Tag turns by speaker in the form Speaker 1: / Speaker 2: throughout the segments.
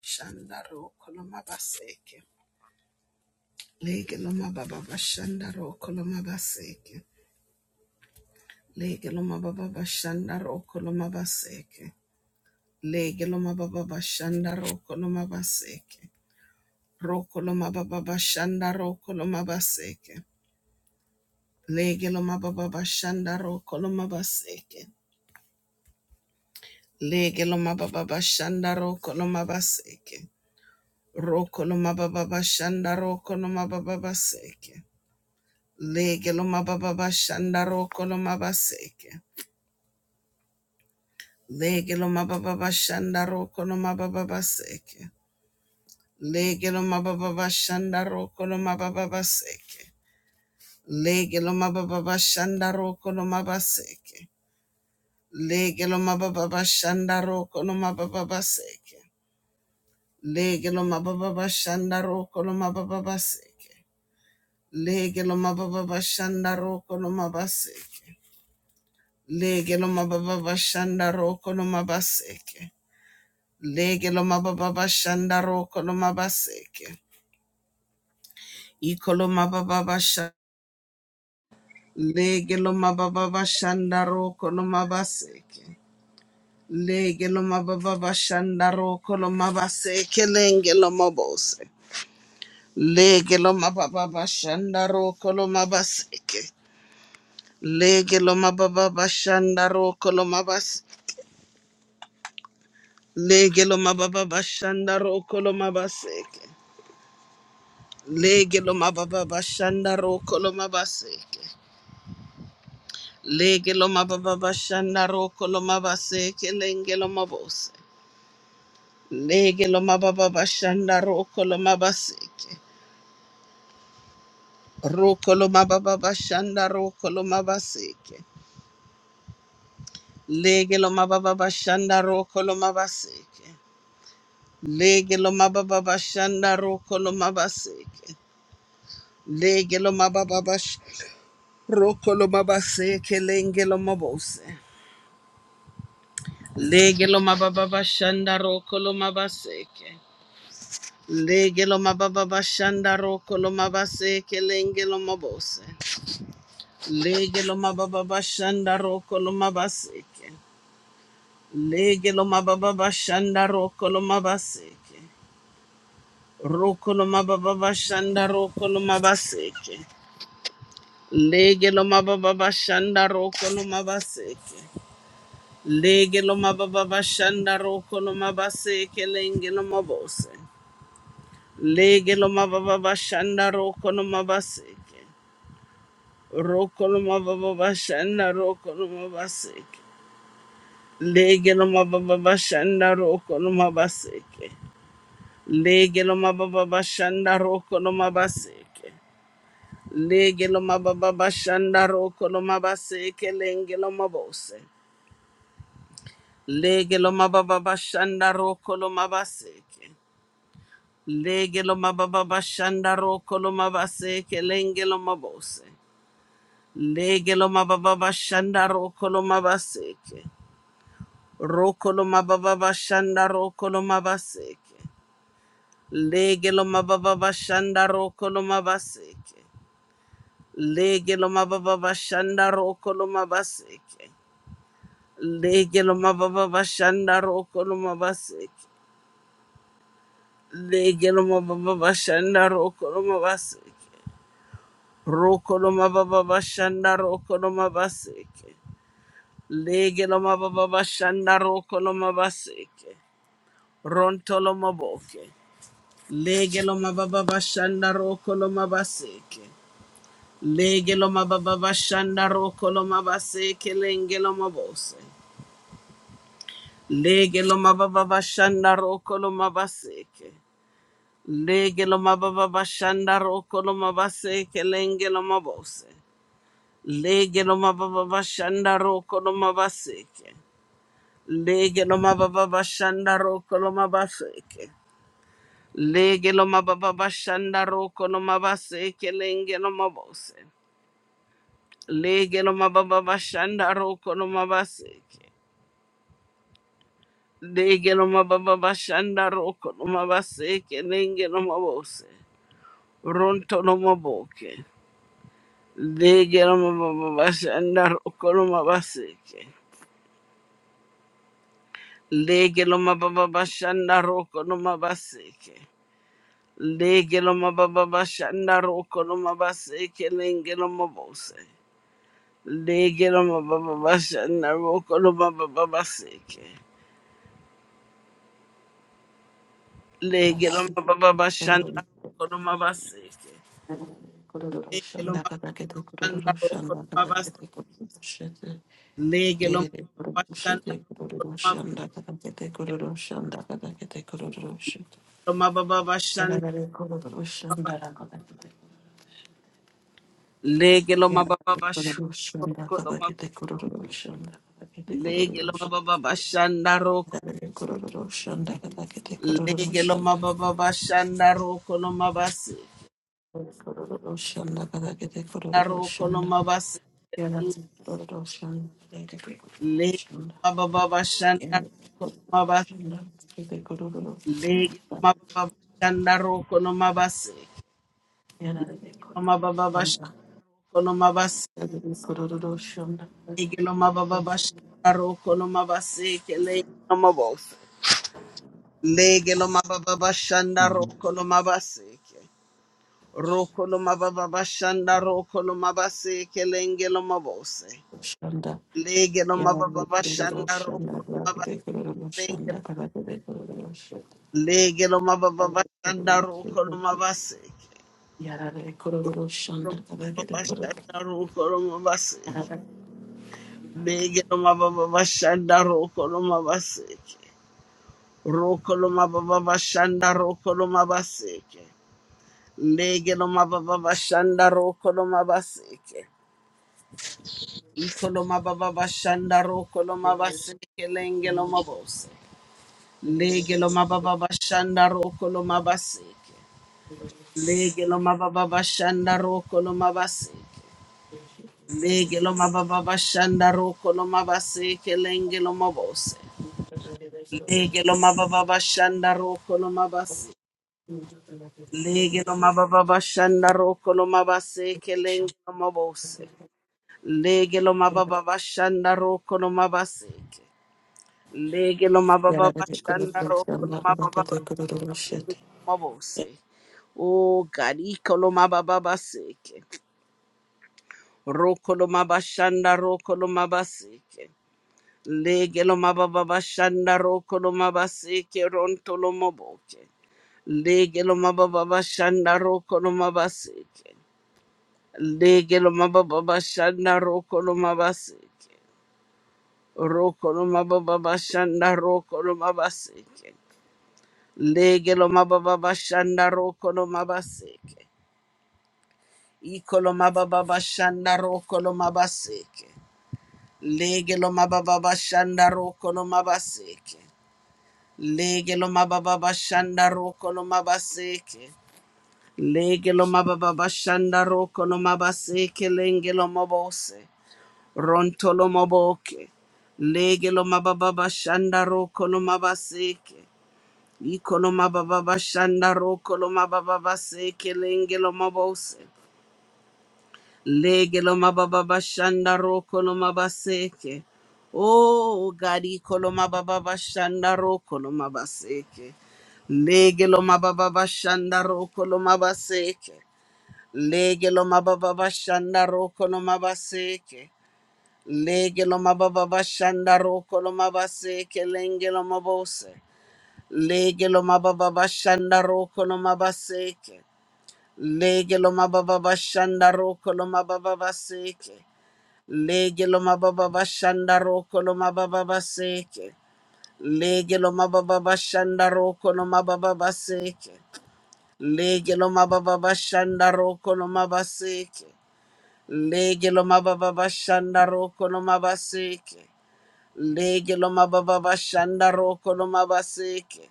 Speaker 1: Shandaro koloma baseke. Lege loma baba bashandaro koloma baseke. Lege loma baba bashandaro koloma baseke. Lege loma baba bashandaro koloma baseke. Roko loma baba bashandaro koloma baseke. Lege loma baba bashandaro koloma baseke. Lege loma baba bashandaro koloma baseke. Roko loma baba bashandaro koloma baba baseke. Lege lo mababa bashanda roko lo mabaseke. Lege lo mababa bashanda roko lo mababa baseke. Lege lo mababa bashanda roko lo mababa baseke. Lege lo mababa bashanda roko lo mabaseke. Lege lo mababa bashanda roko lo mababa baseke. Lege lo mababa bashanda roko lo mababa baseke. Lege lo mababa bashanda roko lo mabaseke. Lege lo mababa bashanda roko no mabaseke. Lege lo mababa bashanda roko no mabaseke. Iko lo mababa bashanda. Lege lo mababa bashanda roko no mabaseke. Lege lo mababa bashanda roko no mabaseke. Lenge lo mabose. Lege lo mababa bashanda roko no mabaseke. Lege lo mababa bashanda roko no mabaseke. Lege lo mababa bashanda roko no mabaseke. Lege lo mababa bashanda roko lo mabaseke. Lege lo mababa bashanda roko lo mabaseke lenge lo mabose. Lege lo mababa bashanda roko lo mabaseke. Roko lo mababa bashanda roko lo mabaseke. Lege lo mababa bashanda roko lo mabaseke. Lege lo mababa bashanda roko lo mabaseke. Lege lo mababa bash roko lo mabaseke lenge lo mabose. Legelo mababa bashanda roko lo mabaseke. Legelo mababa bashanda roko lo mabaseke lengelo mabose. Legelo mababa bashanda roko lo mabaseke. Legelo mababa bashanda roko lo mabaseke. Roko lo mababa bashanda roko lo mabaseke. Legelo mababa bashanda roko lo mabaseke. Legelo mababa bashanda roko lo mabaseke lengelo mabose. Lege lo mababa bashanda roko no mabaseke. Roko no mababa bashanda roko no mabaseke. Lege lo mababa bashanda roko no mabaseke. Lege lo mababa bashanda roko no mabaseke. Lege lo mababa bashanda roko no mabaseke lenge lo mabose. Lege lo mababa bashanda roko lo mabaseke. Lege lo mababa bashanda roko lo mabaseke lenge lo mabose. Legeloma baba bashanda rokoloma baseke. Rokoloma baba bashanda rokoloma baseke. Legeloma baba bashanda rokoloma baseke. Legeloma baba bashanda rokoloma baseke. Legeloma baba bashanda rokoloma baseke. Legeloma baba bashanda rokoloma baseke. Rokoloma baba bashanda rokoloma baseke. Lege loma baba bashanda roko loma baseke. Ronto loma boke. Lege loma baba bashanda roko loma baseke. Lege loma baba bashanda roko loma baseke lenge loma bose. Lege loma baba bashanda roko loma baseke. Lege loma baba bashanda roko loma baseke lenge loma bose. Lege loma baba bashanda roko loma baseke. Lege lo mababa bashanda roko lo mabaseke. Lege lo mababa bashanda roko lo mabaseke lenge lo mabose. Lege lo mababa bashanda roko lo mabaseke. Lege lo mababa bashanda roko lo mabaseke lenge lo mabose. Ronto lo maboke. Lege lo mababa bashanda roko lo mabaseke. Lege lo mababa bashanda roko lo mabaseke. Legeloma baba bashanda roko loma baseke lengeloma bose. Legeloma baba bashanda roko loma baba baseke. Legeloma
Speaker 2: Rakete
Speaker 1: baba bashanda roko loma baseke.
Speaker 2: kururu kururu shanda
Speaker 1: Legeloma baba
Speaker 2: rakete
Speaker 1: bashanda
Speaker 2: kururu
Speaker 1: roko
Speaker 2: shanda
Speaker 1: loma
Speaker 2: rakete
Speaker 1: baseke.
Speaker 2: kururu shete
Speaker 1: Legeloma
Speaker 2: yere
Speaker 1: baba
Speaker 2: kururu shete
Speaker 1: bashanda
Speaker 2: kururu
Speaker 1: roko
Speaker 2: shanda rakete kururu shanda rakete kururu shete
Speaker 1: loma baseke. Legeloma baba bashanda
Speaker 2: yere kururu
Speaker 1: baba.
Speaker 2: shanda rakete
Speaker 1: Legeloma
Speaker 2: yere
Speaker 1: baba bashanda
Speaker 2: kururu shanda
Speaker 1: roko loma.
Speaker 2: rakete kururu shanda rakete kururu shanda
Speaker 1: Legeloma baba
Speaker 2: yere
Speaker 1: Lege lo mababa bashanda roko lo mabasi na roko lo
Speaker 2: shanda
Speaker 1: mabasi
Speaker 2: Yada Dodoshan, Lady
Speaker 1: lege lo
Speaker 2: Gregoshan,
Speaker 1: mababa bashanda
Speaker 2: Yada
Speaker 1: roko lo mabasi
Speaker 2: Dodoshan, Lady Gregoshan,
Speaker 1: lege lo mababa bashanda roko lo mabasi
Speaker 2: Yada
Speaker 1: lege lo mababa bashanda lo mabasi
Speaker 2: Dodoshan, Lady Gregoshan,
Speaker 1: lege lo mababa bashanda roko lo mabasi ke lege lo mabose lege lo mababa bashanda roko lo mabasi ke roko lo mababa bashanda roko lo mabasi ke lenge lo mabose
Speaker 2: Shanda,
Speaker 1: Lege lo mababa
Speaker 2: Yada
Speaker 1: bashanda
Speaker 2: Dodoshan,
Speaker 1: roko lo
Speaker 2: Lady Gregoshan, Lady Gregoshan,
Speaker 1: mabakelenge.
Speaker 2: Yada Dodoshan, Lady Gregoshan,
Speaker 1: Lege lo mababa bashanda roko lo mabaseke.
Speaker 2: Yada Dodoshan, Lady Gregoshan, Yada Dodoshan,
Speaker 1: Roko lo mababa
Speaker 2: Lady Gregoshan,
Speaker 1: bashanda roko lo mabaseke. Lege lo mababa bashanda roko lo mabaseke. Roko lo mababa bashanda roko lo mabaseke. Lege lo mababa bashanda roko lo mabaseke. Iko lo mababa bashanda roko lo mabaseke lenge lo mabose. Lege lo mababa bashanda roko lo mabaseke. Lege lo mababa bashanda roko lo mabaseke. Lege lo mababa bashanda roko lo mabaseke lenge lo mabose. Lege lo mababa bashanda roko lo mabase. Lege lo mababa bashanda roko lo mabaseke lenge lo mabose. Lege lo mababa bashanda roko lo mabaseke. Lege lo mababa bashanda roko lo mababa Mabose. Oh God, Ikolomababaseke. Rokolomabashanda Rokolomabaseke. Legelomababashanda Rokolomabaseke Rontolomoboke. Legelomababashanda Rokolomabaseke. Legelomababashanda Rokolomabaseke. Rokolomababashanda Rokolomabaseke. Legelomababashanda Rokolomabaseke. Ikolomababa Shandaro Kolomabaseke. Legelomababa Shandaro Kolomabaseke. Legelomababa Shandaro Kolomabaseke. Legelomababa Shandaro Kolomabaseke Lengelomabose. Rontolomoboke. Legelomababa Shandaro Kolomabaseke. Ikolomababa Shandaro Kolomabaseke Lengelomabose. Lege lo mababa bashanda roko lo mabaseke. Oh, gari kolo mababa bashanda roko lo mabaseke. Lege lo mababa bashanda roko lo mabaseke. Lege lo mababa bashanda roko lo mabaseke. Lege lo mababa bashanda roko lo mabaseke lenge lo mabose. Lege lo mababa bashanda roko lo mabaseke. Lege mababa bashanda roko lo mababa baseke. Lege lo mababa bashanda roko lo mababa baseke. Lege lo mababa bashanda roko lo mababa baseke. Lege lo mababa bashanda roko lo mabaseke. Lege lo mababa bashanda roko lo mabaseke. Lege lo mababa bashanda roko lo mabaseke.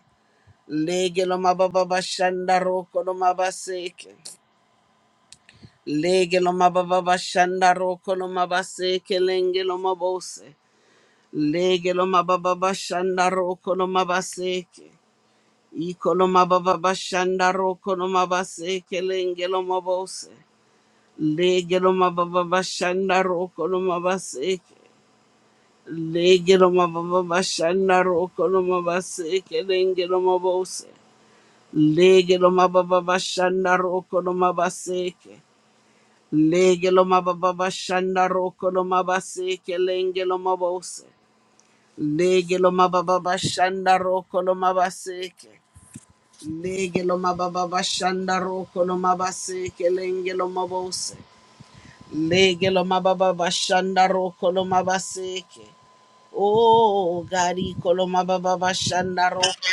Speaker 1: Lege lo mababa bashanda roko lo mabaseke. Lege lo mababa bashanda roko lo mabaseke lenge lo mabose. Legeloma mababa bashanda roko no mabaseke. Ikoloma baba bashanda roko no mabaseke lengelo mabose. Legeloma mababa bashanda roko no mabaseke. Legeloma mababa bashanda roko no mabaseke lengelo mabose. Legeloma mababa bashanda roko no mabaseke. Legeloma mababa bashanda roko no mabaseke lengelo mabose. Lege lo mababa bashanda roko lo mabaseke. Lege lo mababa bashanda roko lo mabaseke lenge lo mabose. Lege lo mababa bashanda roko lo mabaseke. Oh, gari kolo mababa bashanda roko lo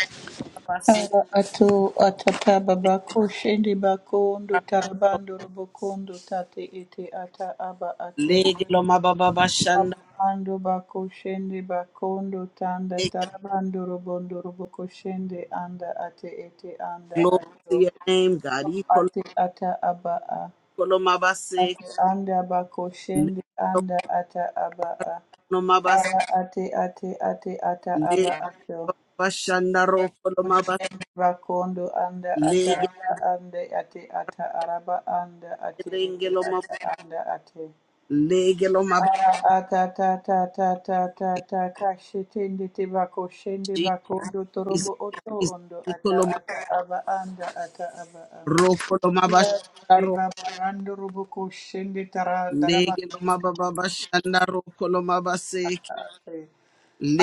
Speaker 1: mabaseke.
Speaker 3: Ara ato atata babako shende bako ondo tarabando robokondo tate ete ata aba ato
Speaker 1: Lege lo mababa bashanda
Speaker 3: ando bako shende bakondo tanda
Speaker 1: lege
Speaker 3: tarabando robondo roboko shende anda ate ete anda
Speaker 1: glory
Speaker 3: ato
Speaker 1: to your name, God. Ikolo
Speaker 3: ate ata aba a
Speaker 1: kolo mabase.
Speaker 3: ate anda bako
Speaker 1: Lege
Speaker 3: shende
Speaker 1: lo
Speaker 3: anda ata aba a
Speaker 1: kolo mabase.
Speaker 3: ara ate ate ate ata aba
Speaker 1: Lege
Speaker 3: ato
Speaker 1: lo bashanda roko lo mabase.
Speaker 3: Ushemba Bakondo anda ata
Speaker 1: Lege
Speaker 3: ata anda ate ata araba anda ate ete ata anda ate
Speaker 1: Legeloma
Speaker 3: ara ata ta ta ta ta ta ta ta shetende te bako shende
Speaker 1: Jesus,
Speaker 3: bakondo
Speaker 1: Jesus,
Speaker 3: torobo oto ondo ata
Speaker 1: Ikoloma,
Speaker 3: ata aba anda ata aba a.
Speaker 1: Rokoloma
Speaker 3: ya de
Speaker 1: Basharo,
Speaker 3: baba rando robo ko shende tara daraba
Speaker 1: Legeloma Baba Bashandaro, Koloma Basek,
Speaker 3: ata ate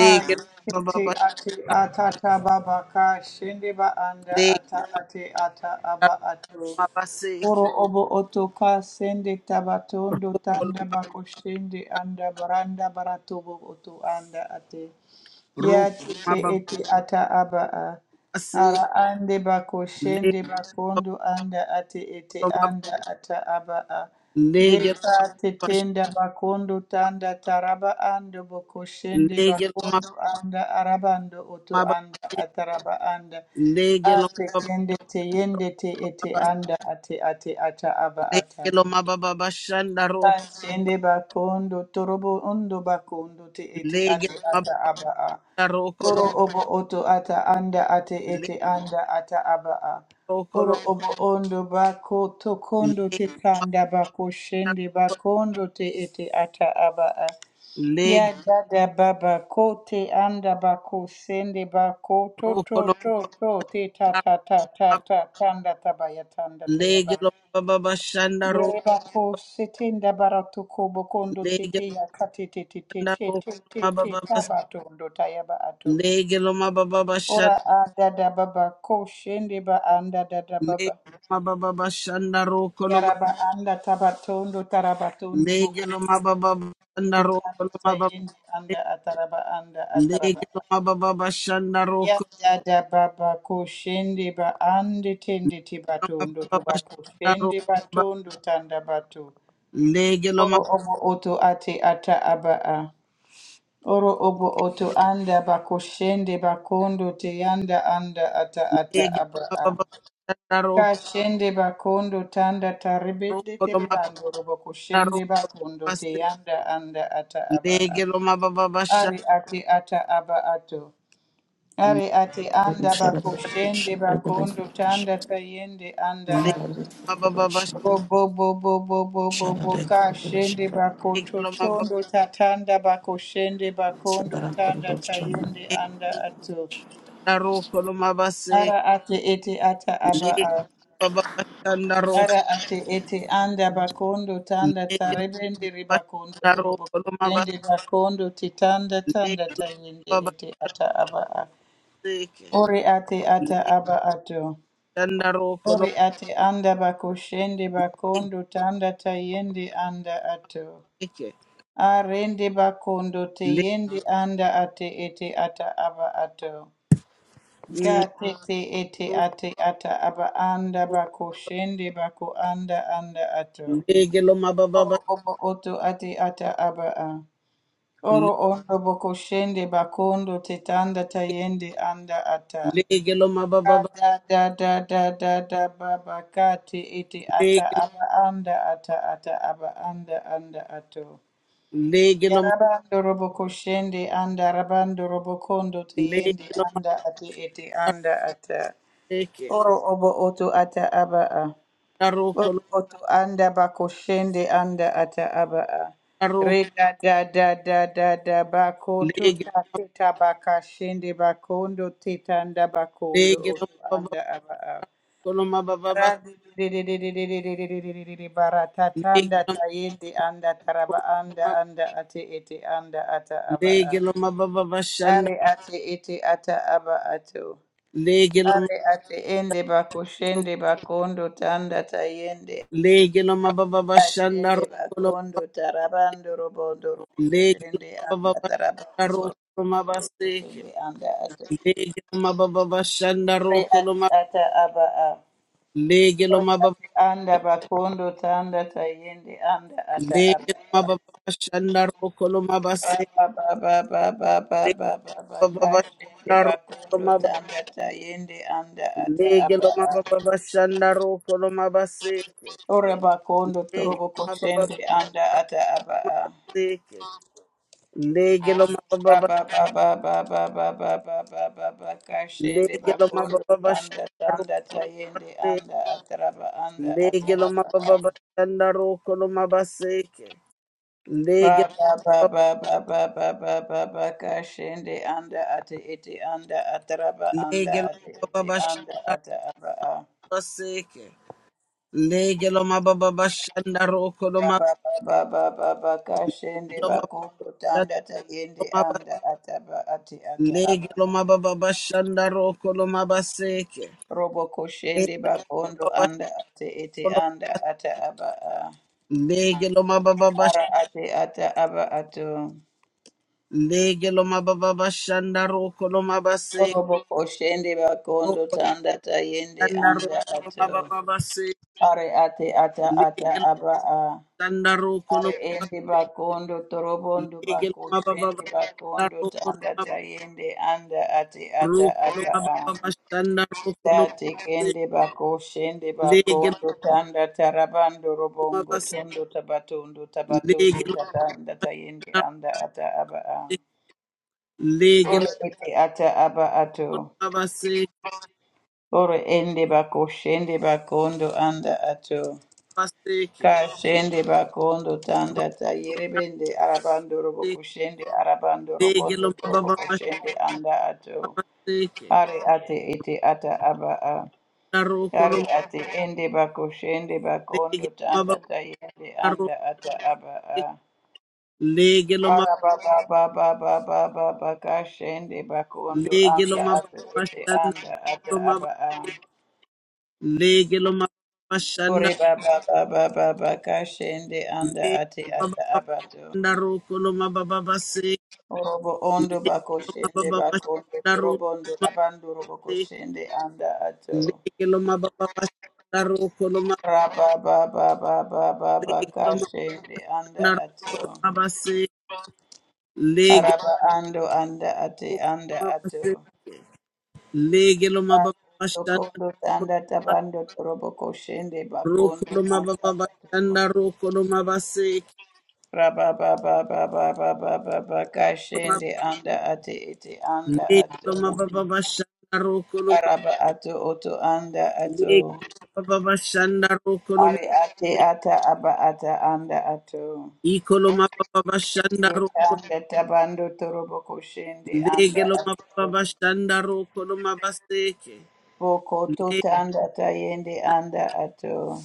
Speaker 3: ay te
Speaker 1: Baba,
Speaker 3: ate ata ta baba ka shende ba anda
Speaker 1: Legeloma
Speaker 3: ata ate ata aba ato Oro
Speaker 1: Basek,
Speaker 3: obo otoka sende tabatondo
Speaker 1: Rokol,
Speaker 3: tanda bakoshende anda baranda baratobo oto anda ate.
Speaker 1: Rokoloma
Speaker 3: Ya tete
Speaker 1: Baba
Speaker 3: ete ata aba a.
Speaker 1: Basek,
Speaker 3: Ara ande bakoshende
Speaker 1: Legeloma,
Speaker 3: bakondo anda ate ete anda ata aba a.
Speaker 1: Legeloma,
Speaker 3: Deka
Speaker 1: Bash,
Speaker 3: tetenda bakondo tanda taraba ando bokoshende
Speaker 1: Legeloma
Speaker 3: bakondo anda arabando oto
Speaker 1: Baba,
Speaker 3: anda ataraba anda.
Speaker 1: Legeloma
Speaker 3: Ate
Speaker 1: Baba,
Speaker 3: kende te yende te ete anda ate ate ata aba ata.
Speaker 1: Legeloma Baba Bashandaro,
Speaker 3: Kashende bakondo torobo ondo bakondo te ete
Speaker 1: Legeloma
Speaker 3: ate ata
Speaker 1: Baba
Speaker 3: aba a.
Speaker 1: Rokolo,
Speaker 3: Oro obo oto ata anda ate ete anda ata aba a. Oro
Speaker 1: Legeloma
Speaker 3: obo ondo bako tokondo te kanda bako shende bakondo te ete ata aba a. Ya
Speaker 1: Lege
Speaker 3: dada baba kote anda bako sende bako to
Speaker 1: roko
Speaker 3: to
Speaker 1: no
Speaker 3: to to te ta ta ta ta
Speaker 1: baba,
Speaker 3: ta tanda tabaya tanda
Speaker 1: lege
Speaker 3: tayaba.
Speaker 1: lo baba baba shandaro,
Speaker 3: Yere bako setenda barato kobo kondo
Speaker 1: lege
Speaker 3: tete ya kate te te te te
Speaker 1: shandaro
Speaker 3: te te
Speaker 1: baba
Speaker 3: te
Speaker 1: baba,
Speaker 3: tabato ndo tayaba ato.
Speaker 1: lege lo baba baba shan,
Speaker 3: Ora a dada baba ko shende ba anda dada
Speaker 1: lege
Speaker 3: baba.
Speaker 1: lo baba baba shandaro kono ma,
Speaker 3: Yaraba anda tabatondo tarabatondo
Speaker 1: lege
Speaker 3: boko
Speaker 1: lo baba baba shandaro
Speaker 3: titanda
Speaker 1: kono ma baba,
Speaker 3: tayende anda ataraba anda
Speaker 1: lege
Speaker 3: ataraba.
Speaker 1: lo baba baba shandaro
Speaker 3: Ya
Speaker 1: kono
Speaker 3: da da ba ba ande tende andi tindi
Speaker 1: ma baba
Speaker 3: tibatondo to
Speaker 1: baba
Speaker 3: ba
Speaker 1: shandaro
Speaker 3: kushindi
Speaker 1: baba,
Speaker 3: batondo tanda bato.
Speaker 1: lege lo ma
Speaker 3: Oro obo oto ate ata aba a. Oro obo oto anda ba kushindi ba kondo te yanda anda ata ata
Speaker 1: lege lo
Speaker 3: aba
Speaker 1: baba
Speaker 3: a.
Speaker 1: baba shandaro
Speaker 3: Kashende bakondo tanda taribede
Speaker 1: kono ma baba
Speaker 3: teribando robo
Speaker 1: shandaro
Speaker 3: kushende
Speaker 1: kono
Speaker 3: bakondo
Speaker 1: baba,
Speaker 3: te yanda anda ata aba a.
Speaker 1: lege lo baba baba
Speaker 3: Ari ate ata aba ato. Ari ati anda
Speaker 2: Shut
Speaker 3: bakushende bakondo tanda tayende anda ati.
Speaker 1: Legelo
Speaker 3: Robo bo bo bo bo bo bo ka bakoto
Speaker 1: Legelo
Speaker 3: tondo tatanda bakushende bakondo tanda
Speaker 2: up,
Speaker 3: tayende anda ato. Ara ati eti ata aba a. Ara ati eti anda bakondo tanda tarebende ribakondo torobo kushende bakondo titanda tanda tayende eti ata aba a. Ore ati ata aba ato. Ori ate anda bakoshende bakondo tanda tayende anda ato. Arende bakondo teyende anda ate ete ata aba ato. Ga tete ete ate ata aba anda bakoshende baku anda anda ato. Oro obo oto ate ata aba a. Oro ondo bakushende bakondo tetanda tayende anda ata. Da da da da da da baba kati iti ata aba anda ata ata aba anda anda ato. Yarabando robo koshende anda rabando robo kondo teyende anda ati iti anda ata. Oro obo oto ata aba a. Oro oto anda bako shende anda ata aba a. Re da da da da da da bako tuta tita baka shende bakondo titanda bakondo oto anda aba a. Baratatatanda tayende anda taraba anda anda ate ete anda ata aba a.
Speaker 1: mababa bashanda
Speaker 3: Are ate ete ata aba ato.
Speaker 1: Legilom
Speaker 3: Are ate ende bakoshende bakondo tanda tayende.
Speaker 1: legilom ababa shanda
Speaker 3: Atende
Speaker 1: rokolom
Speaker 3: bakondo tarabando robondo
Speaker 1: legilom
Speaker 3: roboshende anda
Speaker 1: ababa shanda
Speaker 3: tarabando
Speaker 1: rokolom abaseke
Speaker 3: roboshende anda ate.
Speaker 1: legilom ababa shanda
Speaker 3: Are ate
Speaker 1: rokolom
Speaker 3: ata aba a.
Speaker 1: legilom ababa
Speaker 3: anda bakondo tanda tayende anda ata aba
Speaker 1: legilom ababa shanda rokolom abaseke
Speaker 3: aba baba baba baba baba
Speaker 1: ababa
Speaker 3: kashende
Speaker 1: shanda
Speaker 3: bakondo
Speaker 1: rokolom ababa
Speaker 3: tanda tayende anda ata aba
Speaker 1: legilom ababa shanda rokolom abaseke
Speaker 3: ora bakondo torobo
Speaker 1: legilom ababa
Speaker 3: koshende anda ata aba
Speaker 1: abaseke legilom ababa
Speaker 3: aba baba baba baba baba baba kashende
Speaker 1: legilom
Speaker 3: bakondo
Speaker 1: ababa
Speaker 3: tanda
Speaker 1: shanda
Speaker 3: tanda tayende anda ataraba anda ata
Speaker 1: Lege lo
Speaker 3: aba
Speaker 1: mababa shanda roko lo mabaseke. Lege
Speaker 3: Rababababababababakashende anda ate ete anda ataraba anda
Speaker 1: lege lo
Speaker 3: ate ete
Speaker 1: mababa
Speaker 3: anda
Speaker 1: shanda
Speaker 3: ata aba a.
Speaker 1: baseke. Lege lo mababa shanda roko lo ma-
Speaker 3: Rababababababakashende
Speaker 1: lo mababa
Speaker 3: bakondo tanda tayende
Speaker 1: lo maba-
Speaker 3: anda ataba ate ata
Speaker 1: Lege
Speaker 3: aba.
Speaker 1: lo mababa shanda roko lo mabaseke.
Speaker 3: Robo koshende
Speaker 1: Lege lo
Speaker 3: bakondo
Speaker 1: mababa
Speaker 3: anda ate ete
Speaker 1: sholo
Speaker 3: anda ata aba a.
Speaker 1: lege lo mababa sh-
Speaker 3: Ara ate ata aba ato.
Speaker 1: lege lo mababa shanda roko lo mabaseke.
Speaker 3: Robo koshende bakondo
Speaker 1: Roko
Speaker 3: tanda tayende
Speaker 1: shanda
Speaker 3: anda
Speaker 1: roko lo
Speaker 3: ato.
Speaker 1: mababa se.
Speaker 3: Are ate ata
Speaker 1: Lege
Speaker 3: ata
Speaker 1: lo
Speaker 3: aba a.
Speaker 1: shanda roko
Speaker 3: Are
Speaker 1: lo
Speaker 3: ende bakondo torobondo
Speaker 1: Legelo
Speaker 3: bako
Speaker 1: mababa
Speaker 3: shende
Speaker 1: bashanda,
Speaker 3: bakondo tanda tayende anda ate ata ata a. Tate kende bako shende
Speaker 1: Legelo
Speaker 3: bakondo tanda tarabando robongo tondo tabatondo tabatondo tatanda tayende anda ata aba a. Ore ete ata aba ato. Ore ende bako shende bakondo anda ato. Kashende bakondo tanda tayerebende arabando robo kushende arabando robondo torobo kushende anda ato are ate ete ata aba a are ate ende bakoshende bakondo tanda tayende anda ata aba a araba baba baba baba bakashende bakondo anda ate ete anda ata aba a Ore baba baba baba kashende anda ate ata abato.
Speaker 1: Ndaro koloma baba base
Speaker 3: Orobo ondo bako shende
Speaker 1: Legelo
Speaker 3: bako robo ondo abando robo ko shende anda ato.
Speaker 1: Ikoloma baba
Speaker 3: Raba ba ba ba ba ba ba ka shende anda ato. Araba ando anda ate anda ato. Tokondo tanda tabando torobo ko shende bakondo anda ato. Raba ba ba ba ba ba ba ba ba ka shende anda ate ete anda ato. Araba ato oto anda ato. Ari ate ata aba ata anda ato.
Speaker 1: bashanda
Speaker 3: Anda tabando torobo koshende
Speaker 1: Lege
Speaker 3: anda
Speaker 1: lo mababa
Speaker 3: ato.
Speaker 1: bashanda roko lo mabaseke.
Speaker 3: Boko
Speaker 1: Lege
Speaker 3: tota anda tayende anda ato.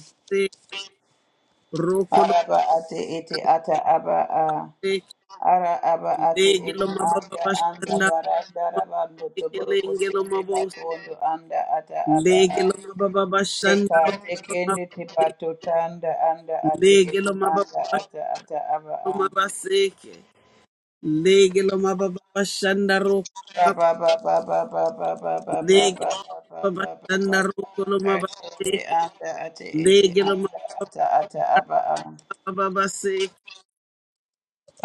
Speaker 1: roko lo
Speaker 3: Araba ate ete ata aba a.
Speaker 1: seke.
Speaker 3: Ara aba ate
Speaker 1: Lege
Speaker 3: ete
Speaker 1: lo mababa
Speaker 3: anda anda
Speaker 1: bashanda roko
Speaker 3: baranda rabando
Speaker 1: mabaseke.
Speaker 3: toboro
Speaker 1: Lenge lo
Speaker 3: koshende
Speaker 1: mabos.
Speaker 3: batondo anda ata aba
Speaker 1: Lege
Speaker 3: a.
Speaker 1: lo mababa bashanda
Speaker 3: Teka
Speaker 1: roko lo
Speaker 3: tekende
Speaker 1: mabaseke.
Speaker 3: tepato tanda anda ate
Speaker 1: Lege
Speaker 3: ete
Speaker 1: lo mababa
Speaker 3: anda
Speaker 1: bashanda
Speaker 3: ata ata aba a.
Speaker 1: mabaseke. Lege lo mababa bashanda roko lo mab-
Speaker 3: Araba
Speaker 1: Lege lo mababa bashanda roko lo mabaseke. Lege lo mababa babaseke.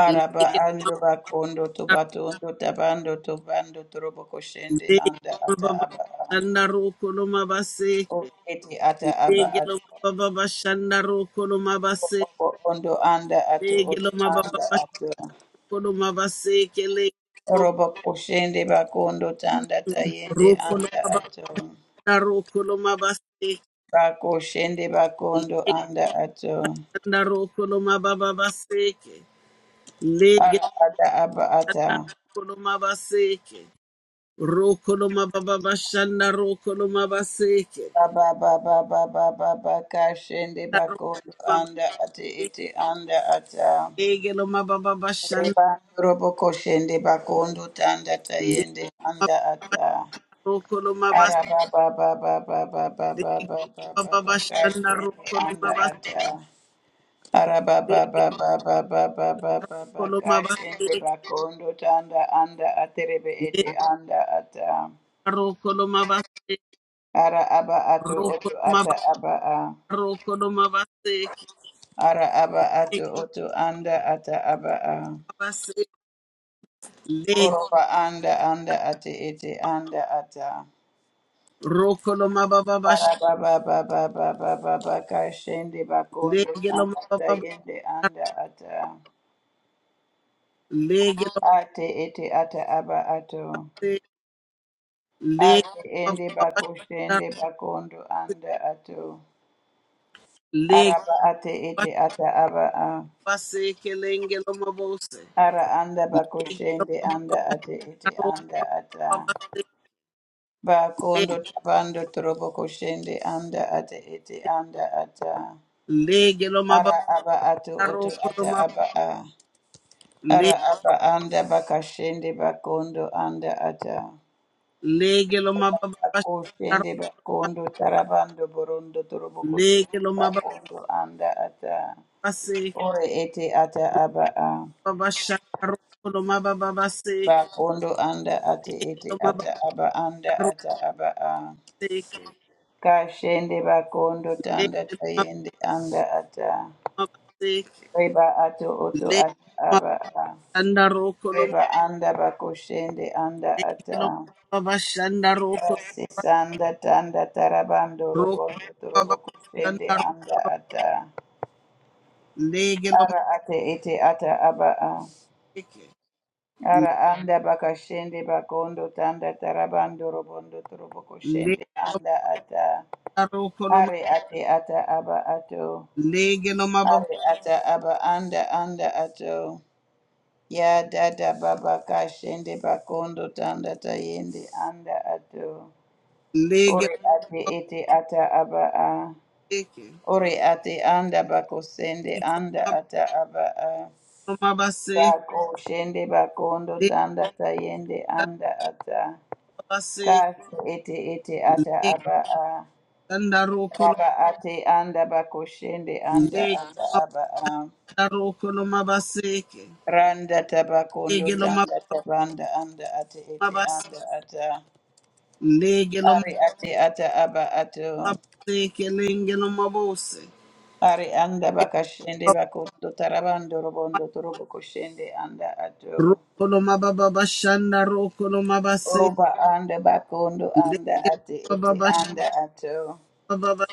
Speaker 1: Lege lo
Speaker 3: ando
Speaker 1: mababa
Speaker 3: bakondo tobato ondo tabando tobando torobo koshende
Speaker 1: Zegelo
Speaker 3: anda ata
Speaker 1: mababa
Speaker 3: aba am.
Speaker 1: shanda roko no
Speaker 3: o
Speaker 1: mabaseke.
Speaker 3: eti ata aba ato
Speaker 1: Zegelo mababa shanda roko no mabase.
Speaker 3: Obo ondo anda ato oto
Speaker 1: Zegelo
Speaker 3: anda
Speaker 1: mababa
Speaker 3: ato
Speaker 1: shoko no mabaseke. Legelo
Speaker 3: orobo koshende bakondo tanda tayende
Speaker 1: roko no
Speaker 3: anda
Speaker 1: mababa
Speaker 3: ato
Speaker 1: roko no mabaseke.
Speaker 3: bakoshende bakondo
Speaker 1: Legelo
Speaker 3: anda ato
Speaker 1: roko no mababa baseke. Legelo
Speaker 3: Abada abata.
Speaker 1: roko no mabaseke. Roko no mababa shanda roko no mabaseke.
Speaker 3: Baba baba baba baba kashende bakondo
Speaker 1: no
Speaker 3: anda ate ete anda ata.
Speaker 1: Legelo mababa shanda.
Speaker 3: Reba robo koshende bakondo tanda
Speaker 1: Legelo
Speaker 3: tayende anda ata.
Speaker 1: roko no mabaseke.
Speaker 3: Araba baba baba baba
Speaker 1: Lege
Speaker 3: baba baba
Speaker 1: baba shanda
Speaker 3: kashende
Speaker 1: roko no
Speaker 3: anda
Speaker 1: baba
Speaker 3: ata. Araba
Speaker 1: lege
Speaker 3: baba baba baba baba
Speaker 1: kolo maba
Speaker 3: kashende
Speaker 1: lege
Speaker 3: bakondo tanda anda aterebe ete anda ata.
Speaker 1: roko no maba
Speaker 3: Ara aba ato
Speaker 1: roko
Speaker 3: oto
Speaker 1: no
Speaker 3: ata
Speaker 1: maba
Speaker 3: aba a.
Speaker 1: roko no maba lege
Speaker 3: Ara aba ato oto anda ata aba a.
Speaker 1: baba lege
Speaker 3: Oroba anda anda ate ete anda ata.
Speaker 1: roko no maba baba
Speaker 3: Ara baba baba baba baba kashende bakondo
Speaker 1: lege lo
Speaker 3: samba
Speaker 1: maba baba
Speaker 3: tayende anda ata.
Speaker 1: lege lo
Speaker 3: Ate ete ata aba
Speaker 1: maba
Speaker 3: ato.
Speaker 1: lege
Speaker 3: Ate
Speaker 1: baba
Speaker 3: ende
Speaker 1: baba
Speaker 3: bakoshende bakondo anda ato.
Speaker 1: lege
Speaker 3: Araba ate ete ata aba a.
Speaker 1: baba seke lenge lo maba use
Speaker 3: Ara anda
Speaker 1: lege lo
Speaker 3: bakoshende
Speaker 1: maba
Speaker 3: anda ate ete
Speaker 1: roko
Speaker 3: anda ata.
Speaker 1: maba
Speaker 3: Bakondo tabando trobo koshende anda ate ete anda ata.
Speaker 1: lege lo maba
Speaker 3: Ara aba ato oto
Speaker 1: roko no
Speaker 3: ata aba a.
Speaker 1: maba
Speaker 3: Ara aba anda bakashende bakondo anda ata.
Speaker 1: Lege lo mababa shakaro.
Speaker 3: Bakoshende bakondo tarabando borondo trobo koshende
Speaker 1: Lege lo mababa
Speaker 3: bakondo anda ata.
Speaker 1: seke.
Speaker 3: Ore ete ata aba a.
Speaker 1: Baba shakaro lo mababa seke.
Speaker 3: Bakondo anda ate
Speaker 1: Lege
Speaker 3: ete
Speaker 1: lo mababa
Speaker 3: ata aba anda
Speaker 1: ro
Speaker 3: ata aba a.
Speaker 1: seke.
Speaker 3: Kashende bakondo
Speaker 1: Lege
Speaker 3: tanda
Speaker 1: lo
Speaker 3: tayende anda ata.
Speaker 1: mababa seke.
Speaker 3: Reba ato oto
Speaker 1: Lege
Speaker 3: ata aba a. Reba anda bakoshende anda ata.
Speaker 1: lo mababa shandaro ma Lege lo mababa shandaro kolo.
Speaker 3: Kasi sanda tanda tarabando
Speaker 1: Roko lo
Speaker 3: robondo torobo
Speaker 1: mababa
Speaker 3: koshende
Speaker 1: shandaro
Speaker 3: anda
Speaker 1: kolo.
Speaker 3: ata.
Speaker 1: Lege lo
Speaker 3: Ara ate ete ata aba a.
Speaker 1: mabeke.
Speaker 3: Ara anda bakashende bakondo tanda tarabando robondo torobo koshende
Speaker 1: Lege lo
Speaker 3: anda ata.
Speaker 1: mabaro kolo.
Speaker 3: Are ate ata aba ato.
Speaker 1: Lege lo mababa.
Speaker 3: Ari ata aba anda anda ato. Ya dada baba kashende bakondo tanda tayende anda ato.
Speaker 1: Lege lo
Speaker 3: Ori ate
Speaker 1: mababa
Speaker 3: ete ata aba a.
Speaker 1: seke.
Speaker 3: Ori ate anda bakosende
Speaker 1: Iko lo
Speaker 3: anda
Speaker 1: mababa
Speaker 3: ata aba a.
Speaker 1: lo mababa
Speaker 3: Bako shende bakondo tanda tayende anda ata.
Speaker 1: seke.
Speaker 3: Kase ete ete ata aba a.
Speaker 1: Lekandarokolo,
Speaker 3: Baba ate anda bakoshende anda ata
Speaker 1: lekandarokolo
Speaker 3: aba a.
Speaker 1: mabaseke,
Speaker 3: Randa tabakondo
Speaker 1: legelo
Speaker 3: tanda tabanda anda ate ete
Speaker 1: mabase,
Speaker 3: anda ata
Speaker 1: legelo
Speaker 3: ari ate ata aba ato
Speaker 1: mabaseke, lengelo mabose,
Speaker 3: ari anda bakashende bakondo tarabando robondo torobo koshende anda ato
Speaker 1: rokolo mababa shanda rokolo mabase,
Speaker 3: roba anda bakondo anda
Speaker 1: legelo
Speaker 3: ate ete
Speaker 1: mababa
Speaker 3: anda ato
Speaker 1: shanda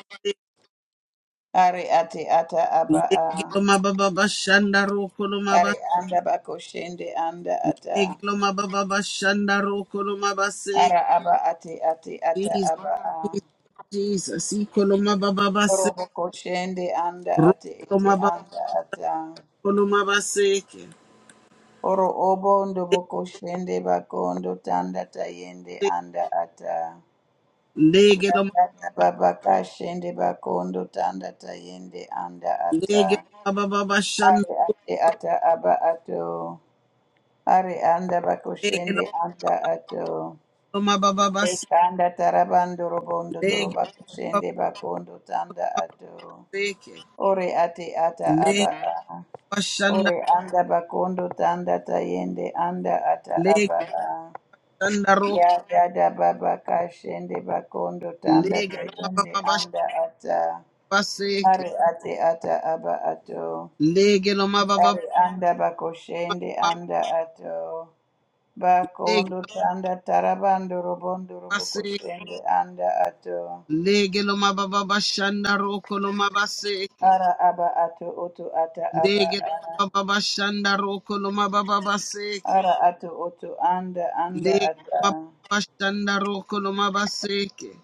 Speaker 3: ari ate ata aba a
Speaker 1: legelo mababa shanda rokolo
Speaker 3: ari
Speaker 1: mabase,
Speaker 3: anda bakoshende anda ata
Speaker 1: legelo mababa shanda rokolo mabase,
Speaker 3: ara aba ate ate ata
Speaker 1: Jesus,
Speaker 3: aba a
Speaker 1: Jesus, ikolo mababa se,
Speaker 3: Orobo koshende anda ate ete
Speaker 1: rokolo
Speaker 3: anda ata.
Speaker 1: Kolomabaseke.
Speaker 3: Oro obondo boko shende bakondo tanda tayende anda ata.
Speaker 1: Lege lo
Speaker 3: Yatata babaka shende bakondo tanda tayende anda
Speaker 1: lege
Speaker 3: ata.
Speaker 1: baba baba
Speaker 3: Are
Speaker 1: shando
Speaker 3: ate ata aba ato. Are anda bako
Speaker 1: lege lo
Speaker 3: shende anda ato.
Speaker 1: mama baba bas
Speaker 3: Ekanda tarabando robondo
Speaker 1: lege
Speaker 3: toroba
Speaker 1: baba
Speaker 3: shende bakondo tanda ato.
Speaker 1: seke
Speaker 3: Ore ate ata aba
Speaker 1: lege
Speaker 3: a.
Speaker 1: bashanda
Speaker 3: Ore anda bakondo tanda tayende anda ata
Speaker 1: lege
Speaker 3: aba a.
Speaker 1: shanda ro
Speaker 3: Ya dada baba kashende bakondo tanda
Speaker 1: lege lo baba
Speaker 3: tayende
Speaker 1: baba
Speaker 3: anda ata ari ate ata aba ato
Speaker 1: lege lo mama
Speaker 3: ari anda bakoshende anda ato
Speaker 1: lege
Speaker 3: bakondo tanda tarabando robondo
Speaker 1: baseke
Speaker 3: robokoshende anda ato
Speaker 1: lege lo mama baba ro kolo mama
Speaker 3: ara aba ato oto ata aba
Speaker 1: lege lo
Speaker 3: a
Speaker 1: mama baba ro kolo mama baba
Speaker 3: ara ato oto anda anda
Speaker 1: lege lo mama
Speaker 3: ata
Speaker 1: baba ro kolo mama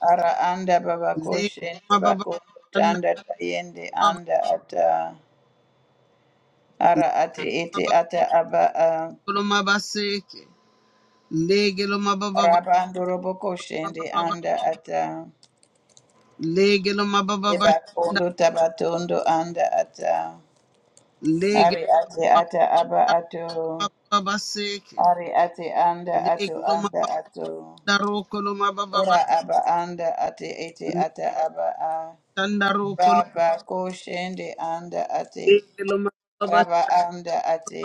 Speaker 3: ara anda baba
Speaker 1: Legelo
Speaker 3: koshende bakondo tanda tayende anda ata Ara
Speaker 1: mabababaseke.
Speaker 3: ati iti ata aba a
Speaker 1: Legelo mabababababa.
Speaker 3: rabando roboko shende anda ata
Speaker 1: Legelo
Speaker 3: eba
Speaker 1: mabababashanda.
Speaker 3: kondo tabatondo anda ata ari
Speaker 1: Legelo
Speaker 3: ati ata aba ato
Speaker 1: mababababaseke.
Speaker 3: ari ati anda ato
Speaker 1: Legelo
Speaker 3: anda ato
Speaker 1: mabadaroko lo mabababa.
Speaker 3: ora aba anda ati iti ata aba a
Speaker 1: Leshanda roko lo.
Speaker 3: baba koshende anda ati
Speaker 1: Legelo mababababaseke.
Speaker 3: raba anda ati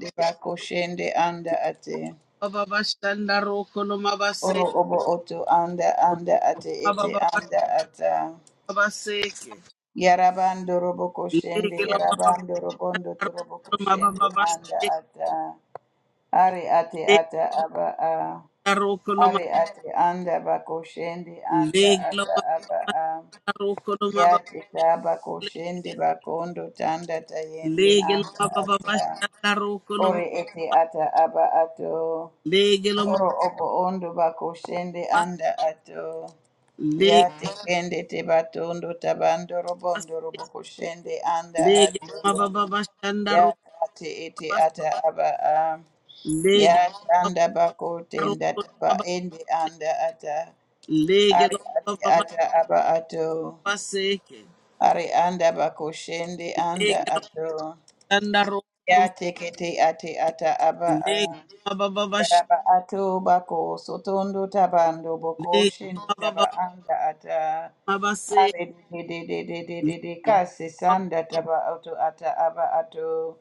Speaker 3: deba koshende anda ati
Speaker 1: Mabababashanda roko lo
Speaker 3: Oro
Speaker 1: mabaseke.
Speaker 3: obo oto anda anda ate ete anda ata.
Speaker 1: Mababababaseke.
Speaker 3: Yarabando robo koshende,
Speaker 1: Legelo mababadaroko
Speaker 3: yarabando robondo torobo
Speaker 1: lo
Speaker 3: koshende anda
Speaker 1: mabababaseke.
Speaker 3: ata. Are ate ata aba a.
Speaker 1: Legelo roko lo
Speaker 3: Are
Speaker 1: ma-
Speaker 3: ate anda bako shende anda
Speaker 1: Legelo
Speaker 3: ata aba
Speaker 1: mababababaseke.
Speaker 3: a.
Speaker 1: Rokolo mababale,
Speaker 3: Yate taba koshende bakondo tanda tayende
Speaker 1: legelo
Speaker 3: anda
Speaker 1: mababa
Speaker 3: ata.
Speaker 1: shanda rokolo ma,
Speaker 3: Ore ete ata aba ato.
Speaker 1: legelo
Speaker 3: Oro obo ondo bako shende
Speaker 1: mababa,
Speaker 3: anda ato.
Speaker 1: legebas,
Speaker 3: Yate kende te batondo tabando robondo robo koshende anda
Speaker 1: legelo
Speaker 3: atiko.
Speaker 1: mababa shanda
Speaker 3: Yate ate ete
Speaker 1: rokabas,
Speaker 3: ata aba a.
Speaker 1: legelo
Speaker 3: Yate
Speaker 1: mababa
Speaker 3: anda bako tenda
Speaker 1: rokolo
Speaker 3: taba
Speaker 1: maba,
Speaker 3: ende anda ata. Ari
Speaker 1: legelo
Speaker 3: ate
Speaker 1: mababa
Speaker 3: ata aba ato.
Speaker 1: baseke,
Speaker 3: Ari anda bako shende anda
Speaker 1: legelo
Speaker 3: ato.
Speaker 1: shanda rokolo ma,
Speaker 3: Yate kete ate ata aba
Speaker 1: legelo
Speaker 3: a.
Speaker 1: mababa bash,
Speaker 3: Yaraba ato bako sotondo tabando boko shindi
Speaker 1: legelo
Speaker 3: taba
Speaker 1: mababa
Speaker 3: anda ata
Speaker 1: mabase,
Speaker 3: are de de de de de de de kasi
Speaker 1: legelo
Speaker 3: sanda taba auto ata aba ato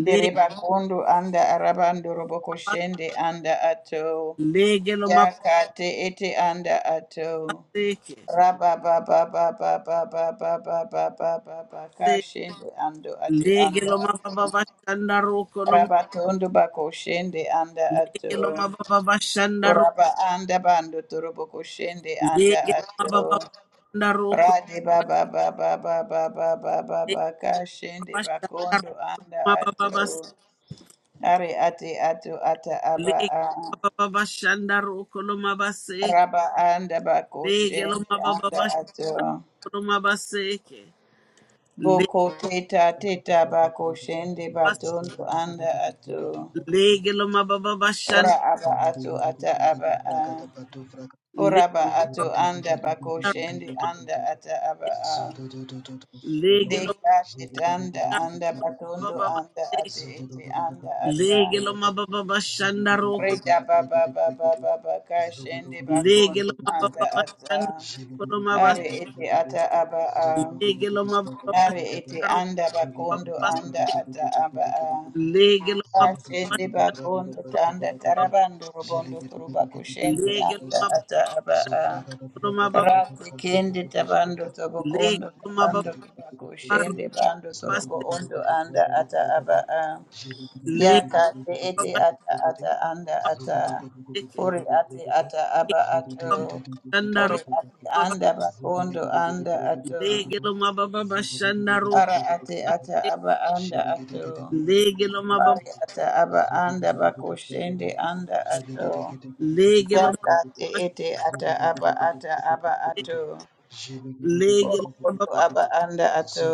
Speaker 3: dereba kondo anda arabando roboko shende anda ato
Speaker 1: legelo
Speaker 3: yakate ete anda ato
Speaker 1: mabaseke,
Speaker 3: raba ba ba ba ba ba ba ba ba ba ba ba ba kashende ando ate anda
Speaker 1: legelo
Speaker 3: ato
Speaker 1: mababa shanda rokolo ma,
Speaker 3: Rabatondo bako shende anda
Speaker 1: legelo
Speaker 3: ato.
Speaker 1: mababa
Speaker 3: Uraba anda bando torobo koshende anda
Speaker 1: Lege
Speaker 3: ato.
Speaker 1: mababa banda roko
Speaker 3: Rade baba baba baba baba
Speaker 1: lege
Speaker 3: baba
Speaker 1: mabashanda
Speaker 3: kashende bakondo anda
Speaker 1: roma bababa
Speaker 3: ato. Are ati ato ata aba
Speaker 1: lege
Speaker 3: a.
Speaker 1: mababa bashanda roko lo mabaseke
Speaker 3: Raba anda
Speaker 1: lege lo
Speaker 3: bakoshende
Speaker 1: mababa
Speaker 3: anda
Speaker 1: bashanda
Speaker 3: ato.
Speaker 1: lo mabaseke lege
Speaker 3: Boko teta teta bakoshende
Speaker 1: bas
Speaker 3: batondo
Speaker 4: Zigiri giri
Speaker 3: anda
Speaker 4: giri brigade
Speaker 3: ato.
Speaker 4: bragadu
Speaker 1: lege lo
Speaker 4: shete.
Speaker 1: mababa
Speaker 3: Ora
Speaker 1: bashanda
Speaker 3: aba ato
Speaker 4: Mandiri giri
Speaker 3: ata
Speaker 4: giri giri
Speaker 3: aba a.
Speaker 4: bragada batu bragada.
Speaker 3: Ora
Speaker 1: lege
Speaker 4: Zogo
Speaker 3: ba ato anda
Speaker 1: mababa
Speaker 3: bakoshende anda ata aba a.
Speaker 1: lege lo
Speaker 3: Dekate tanda anda batondo
Speaker 1: mababa
Speaker 3: anda
Speaker 1: baseke
Speaker 3: ate ete anda ata
Speaker 1: lege lo mababa bashanda roko
Speaker 3: reda baba baba baba kashende
Speaker 1: lege
Speaker 3: bakondo
Speaker 1: lo
Speaker 3: anda
Speaker 1: mababa
Speaker 3: ata
Speaker 1: bashanda roko lo mabas
Speaker 3: are ete ata aba a
Speaker 1: lege lo mababa
Speaker 3: are ete
Speaker 1: bashanda roko
Speaker 3: anda bakondo anda
Speaker 1: mabaseke
Speaker 3: ata aba a
Speaker 1: lege lo mababa
Speaker 3: kashende bakondo tanda tarabando robondo turuba kushende
Speaker 1: lege
Speaker 3: anda
Speaker 1: ma
Speaker 3: ata
Speaker 4: Zugu
Speaker 3: aba a
Speaker 1: bolo ma ba
Speaker 3: Rati kendi tabando tobokondo
Speaker 1: lege ma ba
Speaker 3: tabando tobako
Speaker 1: ru
Speaker 3: shende bando torobo
Speaker 1: paste
Speaker 3: ondo anda ata aba a ya
Speaker 1: lege
Speaker 3: ka te ete ata ata anda ata
Speaker 1: ke
Speaker 3: ori ate ata aba
Speaker 1: ma
Speaker 3: ato
Speaker 1: shanda
Speaker 3: ori
Speaker 1: ru
Speaker 3: ate
Speaker 1: ma ba
Speaker 3: anda bakondo anda ato
Speaker 1: lege lo ma ba ba shanda ru
Speaker 3: ara ate ata
Speaker 1: ke
Speaker 3: aba anda ato
Speaker 1: lege lo ma ba
Speaker 3: ari ata aba anda bako shende anda ato
Speaker 1: lege lo
Speaker 3: ya
Speaker 1: ma
Speaker 3: ka te
Speaker 1: ba
Speaker 3: ete ata aba ata aba
Speaker 1: se
Speaker 4: Zogodogodogodogodogodogodo.
Speaker 3: ato
Speaker 1: lege lo ma ba
Speaker 3: Orokoto aba anda ato.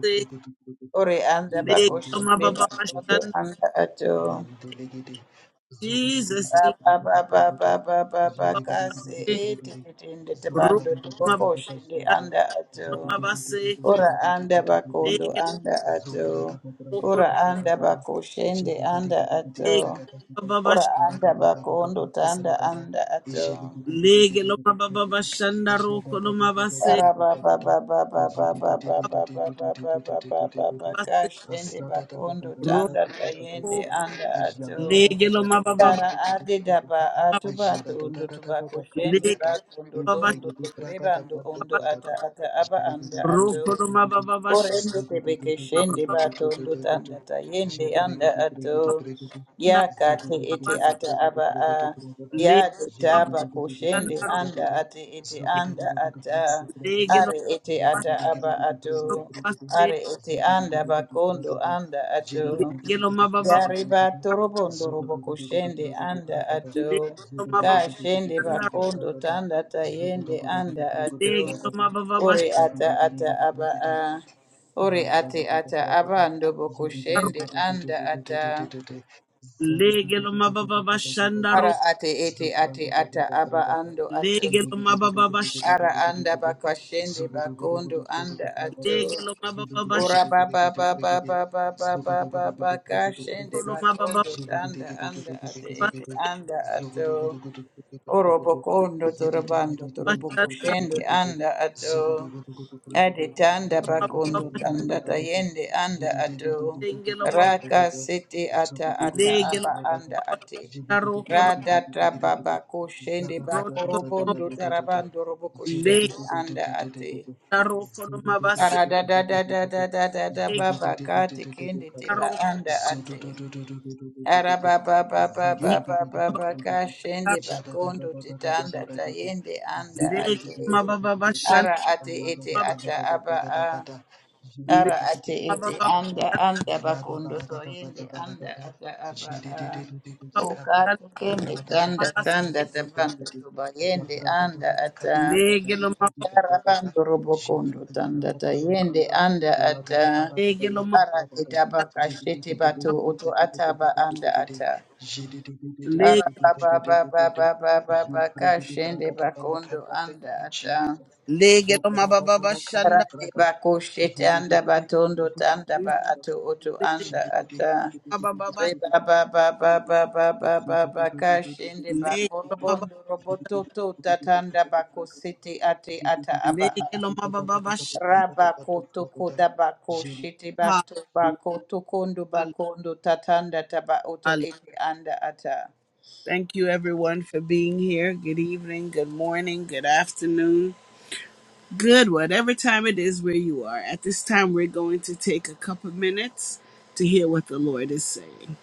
Speaker 1: se
Speaker 3: Ore anda bako
Speaker 1: lege lo ma
Speaker 3: shende
Speaker 1: ba ba
Speaker 3: bakoto
Speaker 1: shanda
Speaker 3: anda ato.
Speaker 4: Mandelegede,
Speaker 1: Jesus Jesus
Speaker 3: Raba ba ba
Speaker 4: Zogudugudugudugudugudugudu,
Speaker 3: ba ba ba ba
Speaker 1: ma ba
Speaker 3: kase
Speaker 1: se
Speaker 3: ete
Speaker 4: Zolegudugudugudugudugudu,
Speaker 3: tetende
Speaker 1: ru
Speaker 3: tebando
Speaker 1: ma
Speaker 3: teboko
Speaker 1: ba
Speaker 3: shende
Speaker 1: shanda
Speaker 4: Zobragababragababazonda,
Speaker 3: anda ato.
Speaker 1: ma ba se ke
Speaker 3: Ora anda bakondo
Speaker 4: Zogudugudugudugudugudugudugudu,
Speaker 1: lege
Speaker 3: anda ato.
Speaker 1: lo ko
Speaker 3: Ora anda
Speaker 4: Zobragababragabababagaba,
Speaker 3: bako shende anda ato.
Speaker 1: lege ma
Speaker 4: Zogudugudugudugudugudugudu,
Speaker 1: ba
Speaker 3: Ora
Speaker 1: sh-
Speaker 3: anda bakondo tanda
Speaker 4: Rabagababragabababagada,
Speaker 3: anda ato.
Speaker 1: lege lo ma ba ba
Speaker 4: Ijilugudugudugudugudugudu,
Speaker 1: shanda ru ko lo ma ba se
Speaker 4: Ajadadadadadadadadadada, Ijidududududududududududududududu,
Speaker 3: Kashende bakondo
Speaker 1: Roko
Speaker 3: tanda tayende
Speaker 4: Azadadadadadadadadadadadada,
Speaker 3: anda
Speaker 4: Ajada
Speaker 3: ato
Speaker 4: da da da da
Speaker 1: legelo
Speaker 4: da da
Speaker 1: mababa
Speaker 3: kara
Speaker 4: kandi kete
Speaker 3: ade
Speaker 4: kete
Speaker 3: daba
Speaker 4: kete.
Speaker 3: atu bato
Speaker 4: Ajada da, da
Speaker 3: ondo
Speaker 4: da da da
Speaker 3: tubako
Speaker 4: da kandi
Speaker 3: shende
Speaker 1: legelo
Speaker 4: kata.
Speaker 3: bakondo to
Speaker 4: Ivre
Speaker 3: ondo
Speaker 4: kete braka
Speaker 3: tugureba
Speaker 4: da.
Speaker 3: ndo
Speaker 4: bantu
Speaker 3: ondo
Speaker 1: bashaba
Speaker 4: braka
Speaker 3: ata
Speaker 4: da
Speaker 3: ata aba
Speaker 4: Jige
Speaker 3: anda
Speaker 4: kete kete
Speaker 3: ato
Speaker 1: roko
Speaker 4: kete
Speaker 1: no
Speaker 4: kete kete.
Speaker 1: mababa bashaba
Speaker 3: Orende
Speaker 4: Zodo do do
Speaker 3: tebeke
Speaker 4: do do do
Speaker 3: shende
Speaker 4: do do
Speaker 3: bato
Speaker 4: do do
Speaker 3: ndo
Speaker 4: do do do.
Speaker 3: tanda ta yende
Speaker 4: Jivre
Speaker 3: anda
Speaker 4: kete kete kete
Speaker 3: ato
Speaker 1: babanda
Speaker 4: kete kete.
Speaker 3: ya
Speaker 4: Zogo
Speaker 3: kate
Speaker 4: do do do
Speaker 3: ete
Speaker 4: do
Speaker 1: mabas
Speaker 4: do
Speaker 3: ata
Speaker 4: do do.
Speaker 3: aba
Speaker 4: do do do do
Speaker 3: a
Speaker 4: do do
Speaker 3: ya te
Speaker 1: legelo
Speaker 4: Jige kete kete
Speaker 3: taba ko
Speaker 4: kete
Speaker 3: shende
Speaker 1: mabashanda
Speaker 3: anda ate ete
Speaker 1: roke
Speaker 3: anda ata
Speaker 1: legelo
Speaker 3: are ete ata
Speaker 1: bashaba
Speaker 3: aba ato
Speaker 4: kete kete kete.
Speaker 1: baste
Speaker 3: are ete
Speaker 4: Zogo do
Speaker 3: anda
Speaker 4: do do do
Speaker 3: bakondo
Speaker 4: Zugudu
Speaker 3: anda ato
Speaker 1: legelo mababa
Speaker 3: Yariba
Speaker 1: basharo
Speaker 3: torobondo roboko shende anda ato.
Speaker 1: legelo
Speaker 3: Ka shende bakondo tanda tayende anda ato.
Speaker 1: mababa
Speaker 3: Ore ata ata aba
Speaker 4: Zugudu
Speaker 3: a. Ore ate
Speaker 4: Zugudu
Speaker 3: ata aba ando boko
Speaker 1: bashanda
Speaker 3: shende anda ata.
Speaker 1: legelo mababa basharo legelo mababa bashanda ro
Speaker 3: Ara ate ete ate ata aba ando ato.
Speaker 1: legelo mababa bash
Speaker 3: Ara anda bakashende bakondo anda ato.
Speaker 1: legelo mababa
Speaker 3: Ora
Speaker 1: basharo
Speaker 3: baba baba baba baba baba kashende
Speaker 1: no mababa
Speaker 3: bakondo tanda anda ate ete anda ato. Orobokondo torobando toroboko
Speaker 1: bashanda
Speaker 3: shende anda ato ade tanda
Speaker 4: Ziggy
Speaker 1: mababa
Speaker 3: bakondo tanda tayende anda ato
Speaker 1: bashengelo mababa
Speaker 3: raka sete ata ata
Speaker 1: legelo
Speaker 3: aba anda ate
Speaker 1: Taro kono
Speaker 3: rada taba bako shende bako
Speaker 1: roto mo
Speaker 3: robondo tarabando roboko shende anda ate
Speaker 1: mabase
Speaker 3: arada da da da da da da da
Speaker 1: le
Speaker 3: baba kate kende teba
Speaker 1: taro
Speaker 3: anda ate Arabababababababa kashende
Speaker 1: ikare
Speaker 3: bakondo titanda tayende anda
Speaker 1: le
Speaker 3: ate
Speaker 1: mababa bashan
Speaker 3: ara ate ete
Speaker 4: Ragada.
Speaker 1: mab
Speaker 3: ata aba a
Speaker 1: le
Speaker 3: ara ate ete
Speaker 1: mababa
Speaker 3: anda
Speaker 1: bashan
Speaker 3: anda bakondo toyende anda ata aba
Speaker 4: Thank
Speaker 3: a
Speaker 1: mabashan
Speaker 3: ukati kende tanda
Speaker 1: mabase
Speaker 3: tanda tabanda tubayende anda ata
Speaker 1: le gelo mab
Speaker 3: ara bando robokondo tanda tayende anda ata
Speaker 1: le gelo mab
Speaker 3: ara de daba kashete bato oto ataba anda ata
Speaker 1: le
Speaker 4: you,
Speaker 3: Arabababababababakashende bakondo anda ata.
Speaker 4: Jesus.
Speaker 1: le
Speaker 3: Radi bakushete anda batondo tanda
Speaker 1: we
Speaker 3: ba atu oto
Speaker 1: put it
Speaker 3: anda ata.
Speaker 1: mababa bash
Speaker 3: Ribabababababababakashende
Speaker 1: le gelo mababa
Speaker 3: bakorobondo robototo tatanda bakusete ati ata
Speaker 1: le
Speaker 3: aba.
Speaker 1: gelo
Speaker 3: Rabakotoko bako
Speaker 4: Je
Speaker 3: shete bato bako tokondo bakondo tatanda taba oto ete anda ata.
Speaker 1: Thank you everyone for being here. Good evening, good morning, good afternoon. Good, whatever time it is where you are. At this time, we're going to take a couple minutes to hear what the Lord is saying.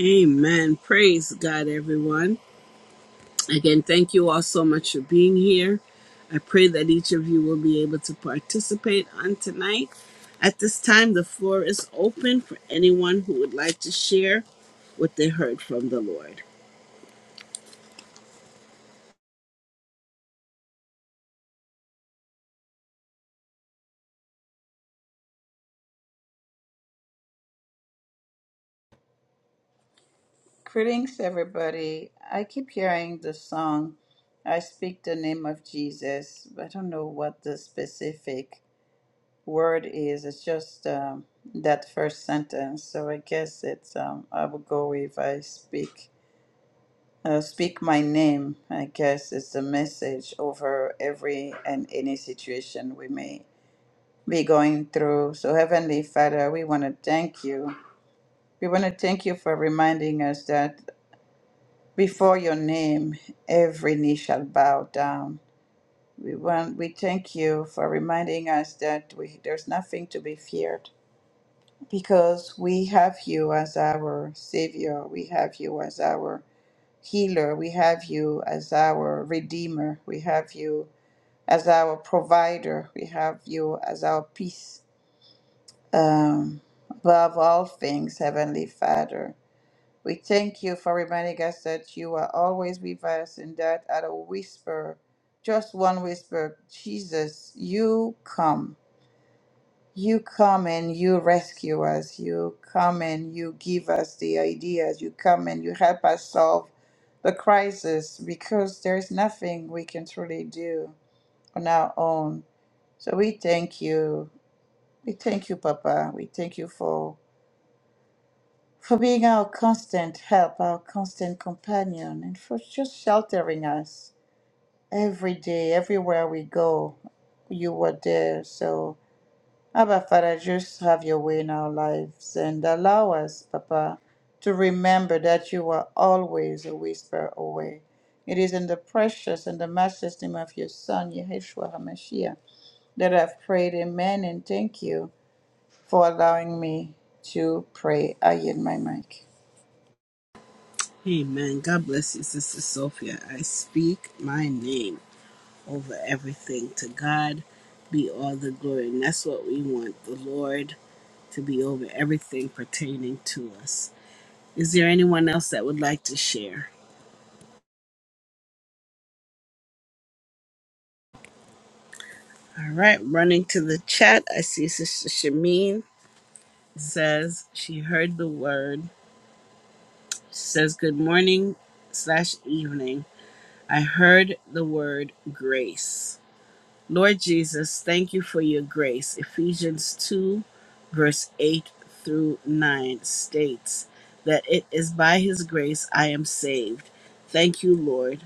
Speaker 1: Amen. Praise God, everyone. Again, thank you all so much for being here. I pray that each of you will be able to participate on tonight. At this time, the floor is open for anyone who would like to share what they heard from the Lord.
Speaker 3: Greetings, everybody. I keep hearing the song, I Speak the Name of Jesus. but I don't know what the specific word is. It's just um, that first sentence. So I guess it's, um, I would go if I speak. Uh, speak my name, I guess, it's a message over every and any situation we may be going through. So, Heavenly Father, we want to thank you. We want to thank you for reminding us that. Before your name, every knee shall bow down. We want, we thank you for reminding us that we, there's nothing to be feared because we have you as our Savior, we have you as our healer, we have you as our Redeemer, we have you as our provider, we have you as our peace. Um, above all things, Heavenly Father, We thank you for reminding us that you are always with us and that at a whisper, just one whisper, Jesus, you come. You come and you rescue us. You come and you give us the ideas. You come and you help us solve the crisis because there is nothing we can truly do on our own. So we thank you. We thank you, Papa. We thank you for for being our constant help, our constant companion, and for just sheltering us every day, everywhere we go. You were there. So, Abba Father, just have your way in our lives and allow us, Papa, to remember that you are always a whisper away. It is in the precious and the matchless name of your Son, Yeshua HaMashiach, that I've prayed. Amen. And thank you for allowing me to pray. I yield my mic.
Speaker 1: Amen. God bless you, Sister Sophia. I speak my name. over everything. To God be all the glory. And that's what we want the Lord to be over everything pertaining to us. Is there anyone else that would like to share? All right, running to the chat, I see Sister Shamin says she heard the word. says, Good morning slash evening. I heard the word grace. Lord Jesus, thank you for your grace. Ephesians 2, verse 8 through 9 states that it is by his grace I am saved. Thank you, Lord.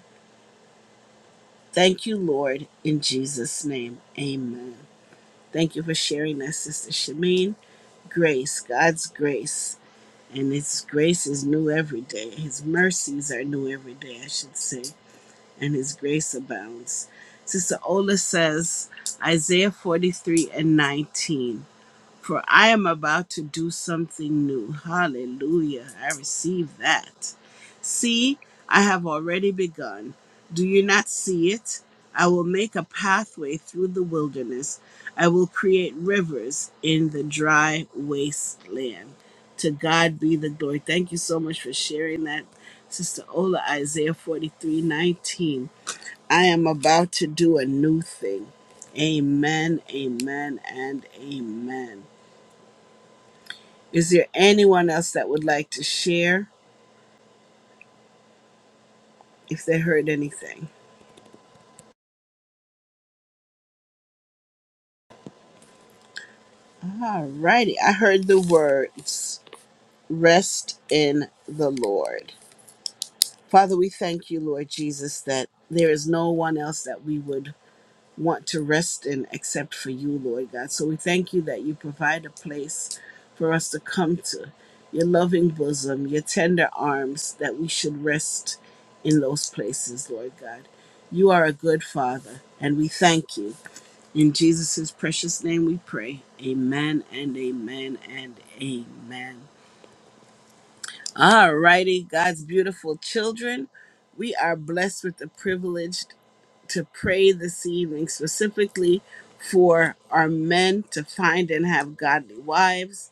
Speaker 1: Thank you, Lord, in Jesus' name. Amen. Thank you for sharing that, Sister Shameen. Grace, God's grace. And his grace is new every day. His mercies are new every day, I should say and his grace abounds. Sister Ola says, Isaiah 43 and 19, for I am about to do something new. Hallelujah. I receive that. See, I have already begun. Do you not see it? I will make a pathway through the wilderness. I will create rivers in the dry wasteland. To God be the glory. Thank you so much for sharing that, Sister Ola, Isaiah 43 19. I am about to do a new thing. Amen, amen, and amen. Is there anyone else that would like to share if they heard anything? Alrighty, I heard the words rest in the Lord. Father, we thank you, Lord Jesus, that there is no one else that we would want to rest in except for you, Lord God. So we thank you that you provide a place for us to come to, your loving bosom, your tender arms, that we should rest in those places, Lord God. You are a good Father, and we thank you. In Jesus' precious name we pray. Amen and amen and amen. All righty, God's beautiful children. We are blessed with the privilege to pray this evening specifically for our men to find and have godly wives,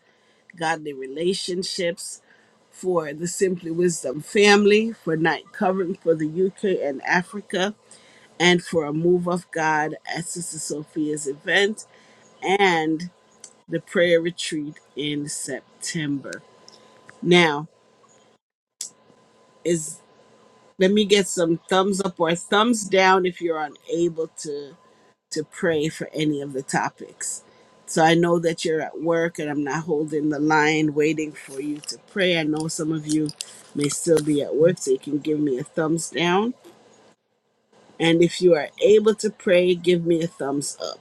Speaker 1: godly relationships, for the Simply Wisdom family, for night covering for the UK and Africa, and for a move of God at Sister Sophia's event and the prayer retreat in September. Now, is let me get some thumbs up or thumbs down if you're unable to to pray for any of the topics. So I know that you're at work and I'm not holding the line waiting for you to pray. I know some of you may still be at work, so you can give me a thumbs down. And if you are able to pray, give me a thumbs up.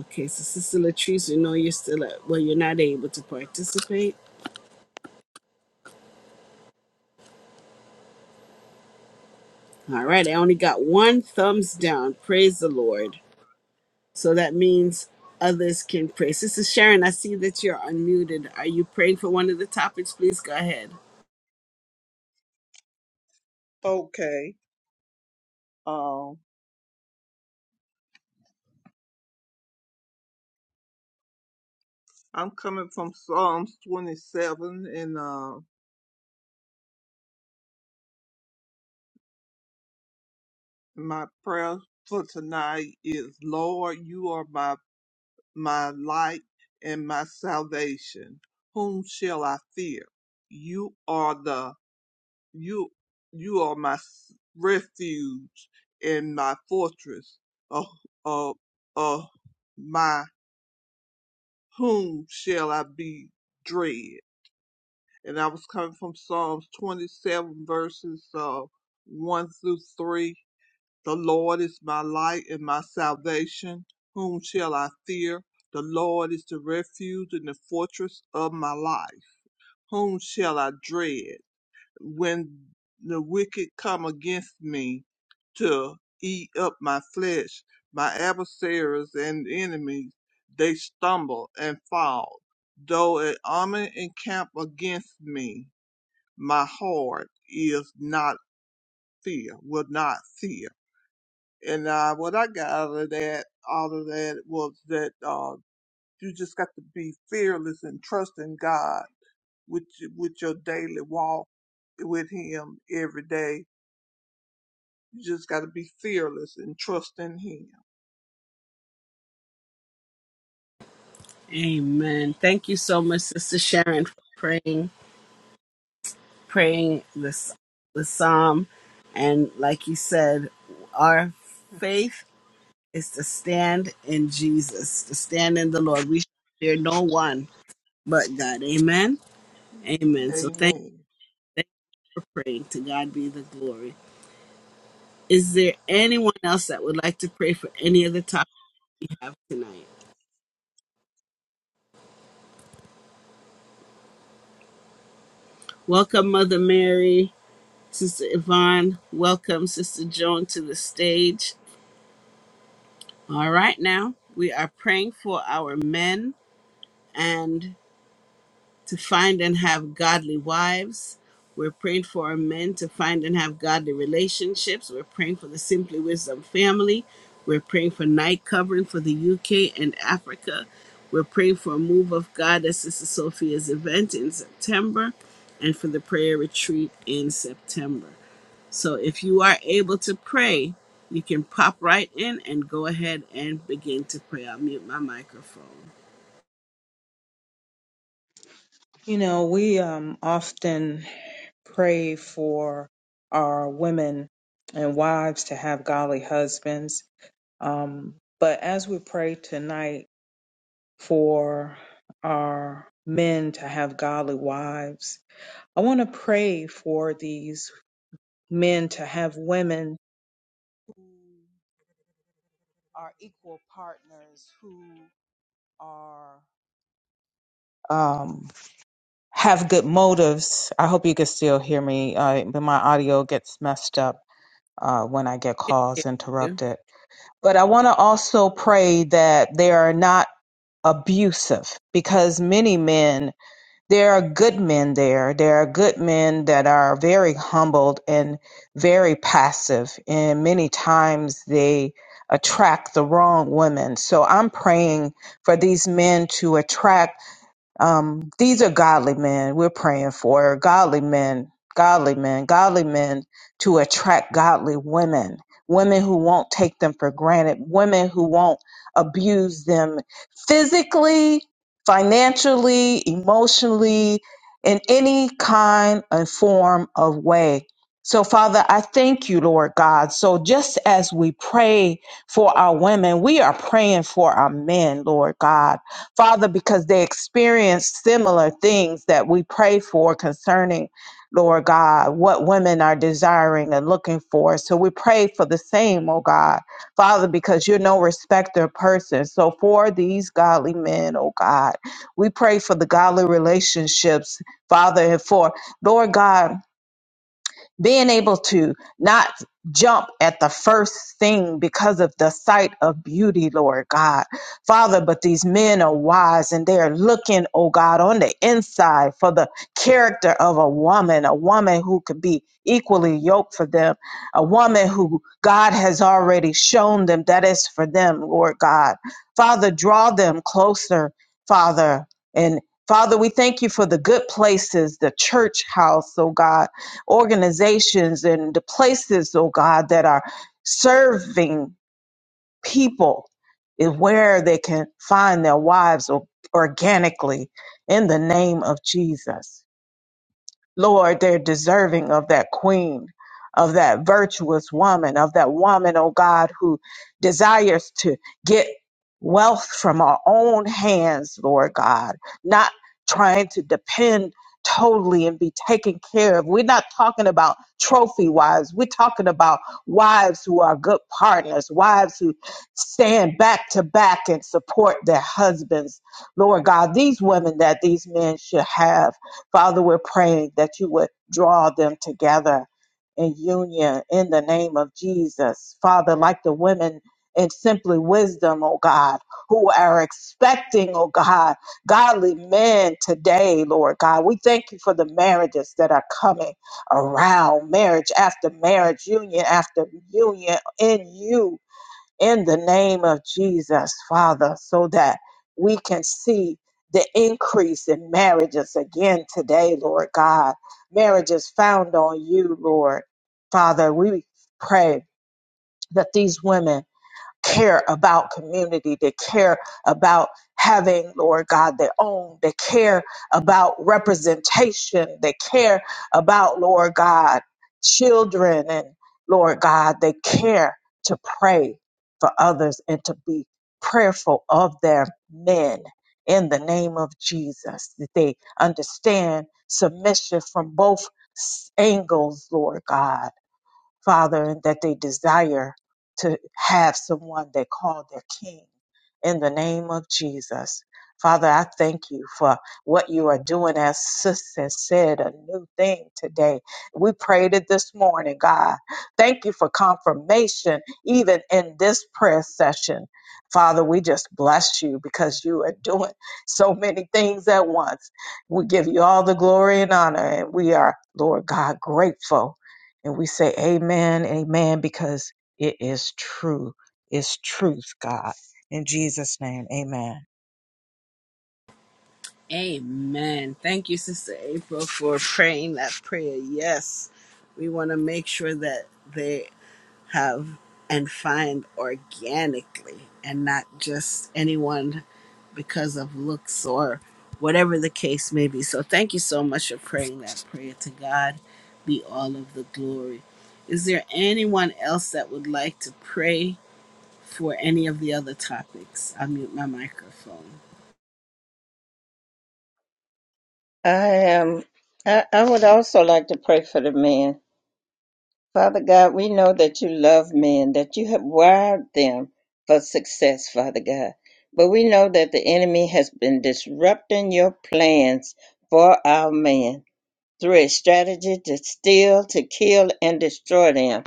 Speaker 1: Okay, so Sister Latrice, we know you're still at, well, you're not able to participate. All right, I only got one thumbs down. Praise the Lord. So that means others can pray. Sister Sharon, I see that you're unmuted. Are you praying for one of the topics? Please go ahead.
Speaker 5: Okay. Um, I'm coming from Psalms 27, and uh, my prayer for tonight is, Lord, you are my my light and my salvation. Whom shall I fear? You are the You, you are my s- refuge and my fortress. Oh, oh, oh, my whom shall I be dread? And I was coming from Psalms 27 verses uh, 1 through 3. The Lord is my light and my salvation. Whom shall I fear? The Lord is the refuge and the fortress of my life. Whom shall I dread? when the wicked come against me to eat up my flesh, my adversaries and enemies, they stumble and fall. Though an army encamp against me, my heart is not fear, will not fear. And uh, what I got out of that, out of that was that uh, you just got to be fearless and trust in God with with your daily walk with Him every day You just got to be fearless and trust in Him.
Speaker 1: Amen. Thank you so much, Sister Sharon, for praying, praying this the psalm. And like you said, our faith is to stand in Jesus, to stand in the Lord. We shall fear no one but God. Amen. Amen. So thank,
Speaker 5: Amen.
Speaker 1: thank you for praying. To God be the glory. Is there anyone else that would like to pray for any of the topics we have tonight? Welcome, Mother Mary, Sister Yvonne. Welcome, Sister Joan, to the stage. All right, now we are praying for our men, and to find and have godly wives. We're praying for our men to find and have godly relationships. We're praying for the Simply Wisdom family. We're praying for night covering for the UK and Africa. We're praying for a move of God at Sister Sophia's event in September and for the prayer retreat in September. So if you are able to pray, you can pop right in and go ahead and begin to pray. I'll mute my microphone.
Speaker 6: You know, we um, often pray for our women and wives to have godly husbands. Um, but as we pray tonight for our men to have godly wives, I want to pray for these men to have women who are equal partners, who are um, have good motives. I hope you can still hear me, uh, but my audio gets messed up uh, when I get calls interrupted. But I want to also pray that they are not abusive because many men, there are good men there. There are good men that are very humbled and very passive, and many times they attract the wrong women. So I'm praying for these men to attract. Um, these are godly men we're praying for, godly men, godly men, godly men to attract godly women, women who won't take them for granted, women who won't abuse them physically, financially, emotionally, in any kind and form of way. So, Father, I thank you, Lord God. So, just as we pray for our women, we are praying for our men, Lord God. Father, because they experienced similar things that we pray for concerning, Lord God, what women are desiring and looking for. So we pray for the same, oh God. Father, because you're no respecter of persons. So for these godly men, oh God, we pray for the godly relationships, Father, and for, Lord God, being able to not jump at the first thing because of the sight of beauty, Lord God. Father, but these men are wise and they are looking, oh God, on the inside for the character of a woman, a woman who could be equally yoked for them, a woman who God has already shown them that is for them, Lord God. Father, draw them closer, Father, and Father, we thank you for the good places, the church house, oh God organizations and the places, oh God, that are serving people is where they can find their wives or- organically in the name of Jesus. Lord, they're deserving of that queen, of that virtuous woman, of that woman, oh God, who desires to get wealth from our own hands, Lord God, not trying to depend totally and be taken care of. We're not talking about trophy wives. We're talking about wives who are good partners, wives who stand back to back and support their husbands. Lord God, these women that these men should have. Father, we're praying that you would draw them together in union in the name of Jesus. Father, like the women in simply wisdom, oh God, who are expecting, oh God, godly men today, Lord God. We thank you for the marriages that are coming around, marriage after marriage, union after union in you in the name of Jesus, Father, so that we can see the increase in marriages again today, Lord God. Marriages found on you, Lord. Father, we pray that these women care about community, that care about having, Lord God, their own, that care about representation, that care about, Lord God, children and Lord God, they care to pray for others and to be prayerful of their men in the name of Jesus, that they understand submission from both s- angles, Lord God Father, that they desire to have someone they call their king. In the name of Jesus. Father, I thank you for what you are doing, as Sister said, a new thing today. We prayed it this morning, God. Thank you for confirmation, even in this prayer session. Father, we just bless you because you are doing so many things at once. We give you all the glory and honor, and we are, Lord God, grateful and we say amen, amen, because it is true. It's truth, God. In Jesus' name, amen.
Speaker 1: Amen. Thank you, Sister April, for praying that prayer. Yes, we want to make sure that they have and find organically and not just anyone because of looks or whatever the case may be. So, thank you so much for praying that prayer. To God be all of the glory. Is there anyone else that would like to pray for any of the other topics? I'll mute my microphone.
Speaker 7: I am. I, I would also like to pray for the men. Father God, we know that you love men, that you have wired them for success, Father God. But we know that the enemy has been disrupting your plans for our men. Three, strategy to steal, to kill, and destroy them.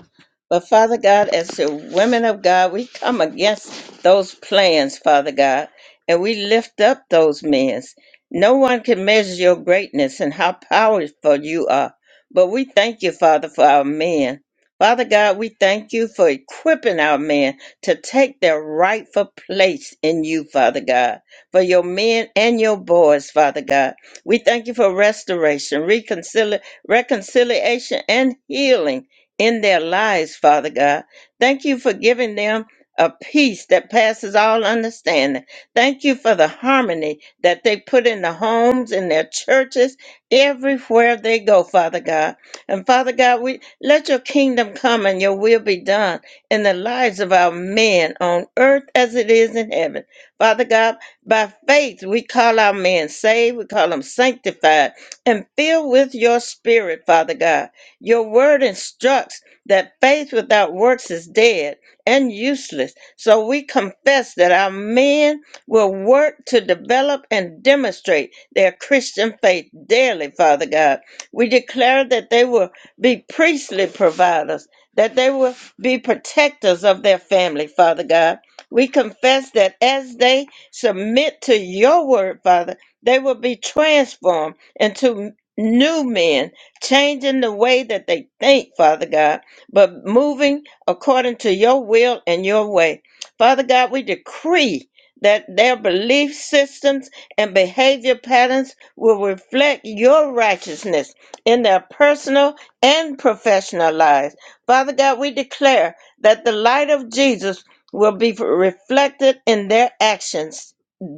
Speaker 7: But Father God, as the women of God, we come against those plans, Father God, and we lift up those men. No one can measure your greatness and how powerful you are. But we thank you, Father, for our men. Father God, we thank you for equipping our men to take their rightful place in you, Father God, for your men and your boys, Father God. We thank you for restoration, reconcili- reconciliation, and healing in their lives, Father God. Thank you for giving them a peace that passes all understanding. Thank you for the harmony that they put in the homes, in their churches, everywhere they go, Father God. And Father God, we let your kingdom come and your will be done in the lives of our men on earth as it is in heaven. Father God, by faith, we call our men saved, we call them sanctified, and filled with your spirit, Father God. Your word instructs that faith without works is dead and useless. So we confess that our men will work to develop and demonstrate their Christian faith daily, Father God. We declare that they will be priestly providers, that they will be protectors of their family, Father God. We confess that as they submit to your word, Father, they will be transformed into new men, changing the way that they think, Father God, but moving according to your will and your way. Father God, we decree that their belief systems and behavior patterns will reflect your righteousness in their personal and professional lives. Father God, we declare that the light of Jesus will be reflected in their actions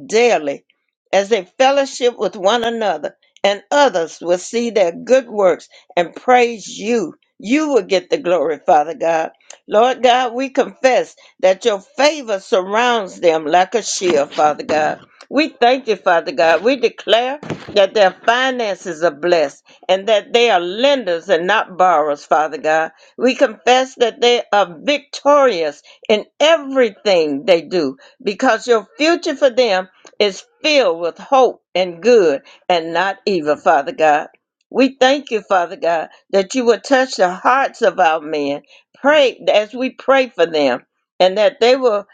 Speaker 7: daily as they fellowship with one another, and others will see their good works and praise you. You will get the glory, Father God. Lord God, we confess that your favor surrounds them like a shield, Father God. We thank you, Father God. We declare that their finances are blessed and that they are lenders and not borrowers, Father God we confess that they are victorious in everything they do because your future for them is filled with hope and good and not evil, Father God. We thank you, Father God, that you will touch the hearts of our men. Pray as we pray for them and that they will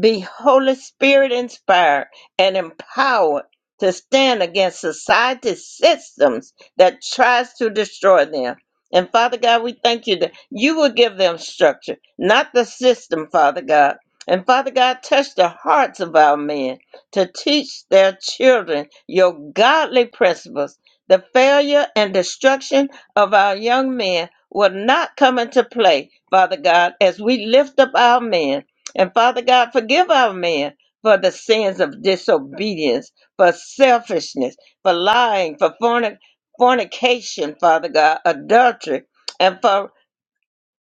Speaker 7: be Holy Spirit inspired and empowered to stand against society's systems that tries to destroy them and Father God, we thank you that you will give them structure, not the system, Father God. And Father God, touch the hearts of our men to teach their children your godly principles. The failure and destruction of our young men will not come into play, Father God, as we lift up our men. And Father God, forgive our men for the sins of disobedience, for selfishness, for lying, for fornication fornication, Father God, adultery, and for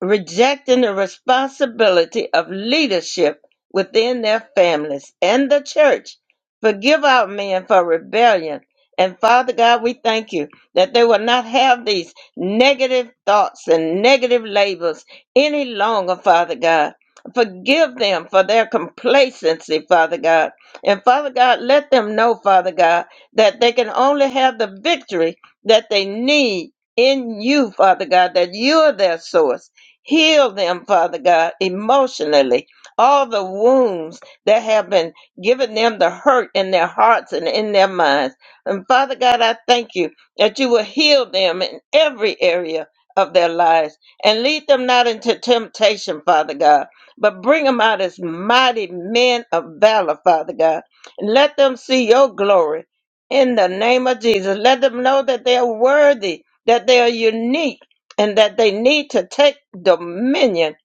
Speaker 7: rejecting the responsibility of leadership within their families and the church. Forgive our men for rebellion. And Father God, we thank you that they will not have these negative thoughts and negative labels any longer, Father God. Forgive them for their complacency, Father God. And Father God, let them know, Father God, that they can only have the victory that they need in you, Father God, that you are their source Heal them, Father God, emotionally. All the wounds that have been given them the hurt in their hearts and in their minds. And Father God, I thank you that you will heal them in every area of their lives and lead them not into temptation, Father God, but bring them out as mighty men of valor, Father God. And let them see your glory in the name of Jesus. Let them know that they are worthy, that they are unique and that they need to take dominion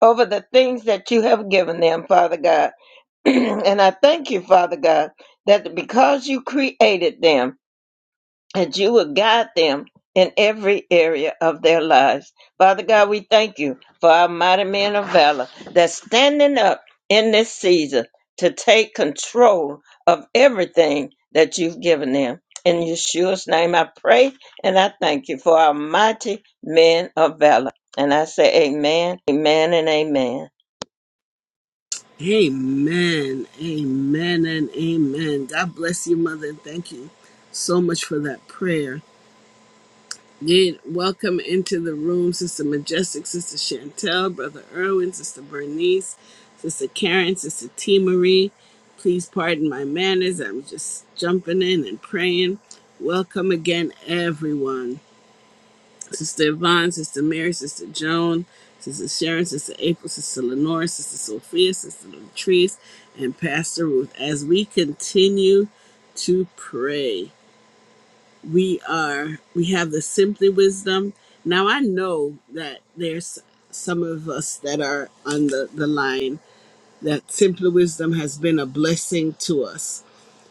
Speaker 7: over the things that you have given them, Father God. and I thank you, Father God, that because you created them that you will guide them in every area of their lives. Father God, we thank you for our mighty men of valor that's standing up in this season to take control of everything that you've given them. In Yeshua's name I pray and I thank you for our mighty men of valor. And I say amen, amen, and amen.
Speaker 1: Amen. Amen and amen. God bless you, Mother. Thank you so much for that prayer. Again, welcome into the room, Sister Majestic, Sister Chantel, Brother Irwin, Sister Bernice, Sister Karen, Sister T Marie. Please pardon my manners. I'm just jumping in and praying. Welcome again, everyone. Sister Yvonne, Sister Mary, Sister Joan, Sister Sharon, Sister April, Sister Lenore, Sister Sophia, Sister Latrice, and Pastor Ruth. As we continue to pray, we are we have the simply wisdom. Now I know that there's some of us that are on the, the line that simply wisdom has been a blessing to us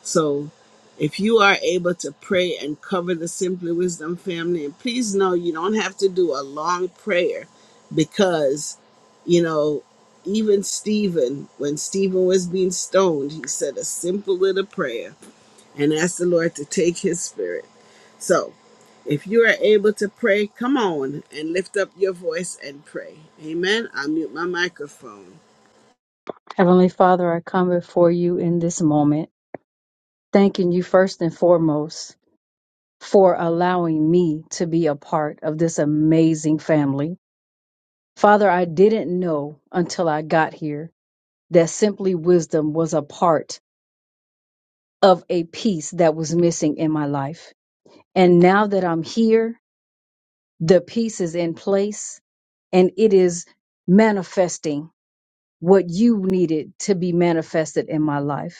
Speaker 1: so if you are able to pray and cover the Simply Wisdom family, and please know you don't have to do a long prayer because, you know, even Stephen, when Stephen was being stoned, he said a simple little prayer and asked the Lord to take his spirit. So if you are able to pray, come on and lift up your voice and pray. Amen. I'll mute my microphone.
Speaker 8: Heavenly Father, I come before you in this moment, thanking you first and foremost for allowing me to be a part of this amazing family. Father, I didn't know until I got here that Simply Wisdom was a part of a piece that was missing in my life. And now that I'm here, the piece is in place and it is manifesting what you needed to be manifested in my life.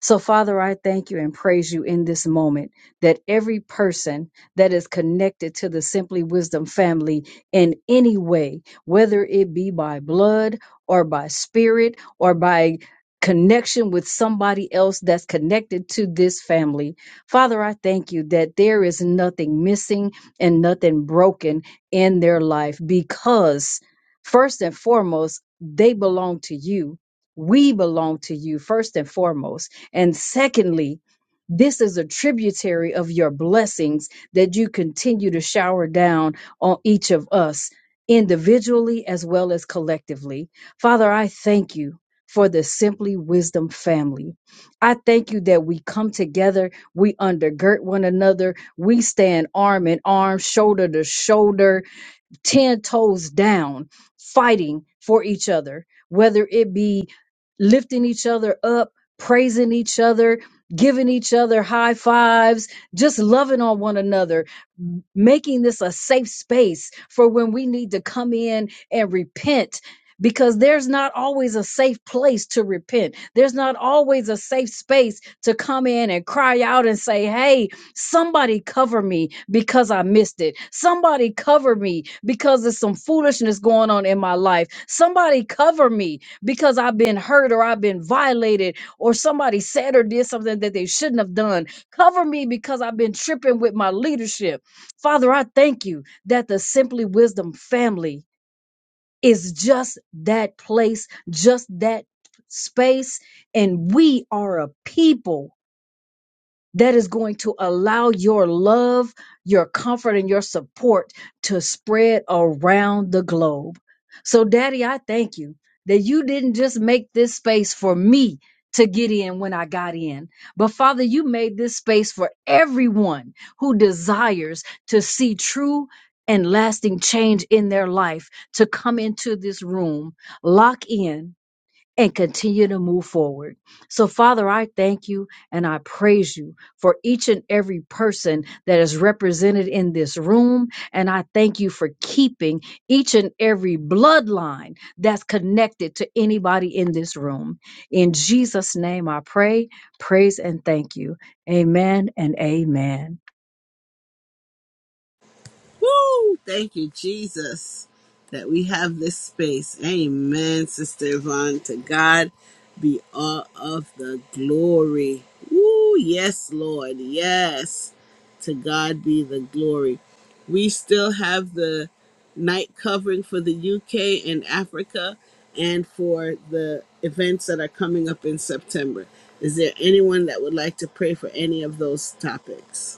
Speaker 8: So, Father, I thank you and praise you in this moment that every person that is connected to the Simply Wisdom family in any way, whether it be by blood or by spirit or by connection with somebody else that's connected to this family. Father, I thank you that there is nothing missing and nothing broken in their life because, first and foremost, they belong to you. We belong to you first and foremost. And secondly, this is a tributary of your blessings that you continue to shower down on each of us individually as well as collectively. Father, I thank you for the Simply Wisdom family. I thank you that we come together, we undergird one another, we stand arm in arm, shoulder to shoulder, 10 toes down fighting for each other whether it be lifting each other up praising each other giving each other high fives just loving on one another m- making this a safe space for when we need to come in and repent because there's not always a safe place to repent. There's not always a safe space to come in and cry out and say, Hey, Somebody cover me because I missed it. Somebody cover me because there's some foolishness going on in my life. Somebody cover me because I've been hurt or I've been violated or somebody said or did something that they shouldn't have done. Cover me because I've been tripping with my leadership. Father, I thank you that the Simply Wisdom family is just that place, just that space. And we are a people that is going to allow your love, your comfort, and your support to spread around the globe. So, Daddy, I thank you that you didn't just make this space for me to get in when I got in, but Father, you made this space for everyone who desires to see true. And lasting change in their life to come into this room, lock in, and continue to move forward. So, Father, I thank you and I praise you for each and every person that is represented in this room. And I thank you for keeping each and every bloodline that's connected to anybody in this room. In Jesus' name, I pray, praise, and thank you. Amen and amen.
Speaker 1: Woo! Thank you, Jesus, that we have this space. Amen, Sister Yvonne. To God be all of the glory. Woo! Yes, Lord. Yes. To God be the glory. We still have the night covering for the UK and Africa and for the events that are coming up in September. Is there anyone that would like to pray for any of those topics?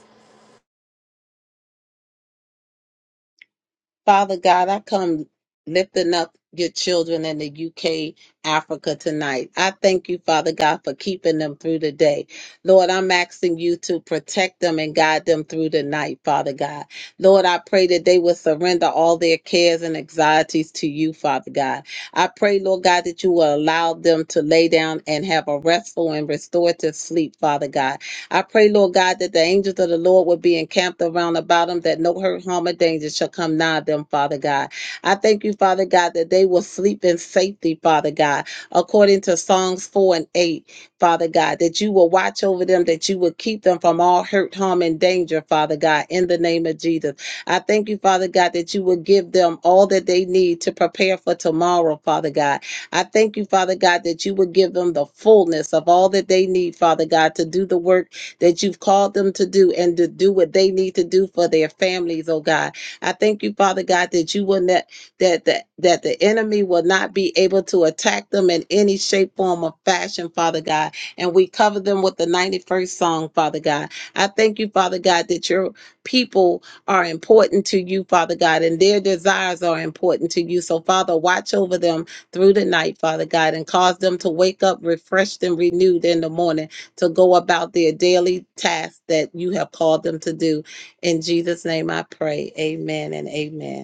Speaker 9: Father God, I come lifting up your children in the UK, Africa tonight. I thank you, Father God, for keeping them through the day. Lord, I'm asking you to protect them and guide them through the night, Father God. Lord, I pray that they will surrender all their cares and anxieties to you, Father God. I pray, Lord God, that you will allow them to lay down and have a restful and restorative sleep, Father God. I pray, Lord God, that the angels of the Lord would be encamped around about them, that no hurt, harm, or danger shall come nigh them, Father God. I thank you, Father God, that they will sleep in safety, Father God, according to Psalms 4 and 8, Father God, that you will watch over them, that you will keep them from all hurt, harm, and danger, Father God, in the name of Jesus. I thank you, Father God, that you will give them all that they need to prepare for tomorrow, Father God. I thank you, Father God, that you will give them the fullness of all that they need, Father God, to do the work that you've called them to do and to do what they need to do for their families, oh God. I thank you, Father God, that you will not that that that the enemy will not be able to attack them in any shape, form, or fashion, Father God. And we cover them with the 91st song, Father God. I thank you, Father God, that your people are important to you, Father God, and their desires are important to you. So, Father, watch over them through the night, Father God, and cause them to wake up refreshed and renewed in the morning to go about their daily tasks that you have called them to do. In Jesus' name I pray. Amen and amen.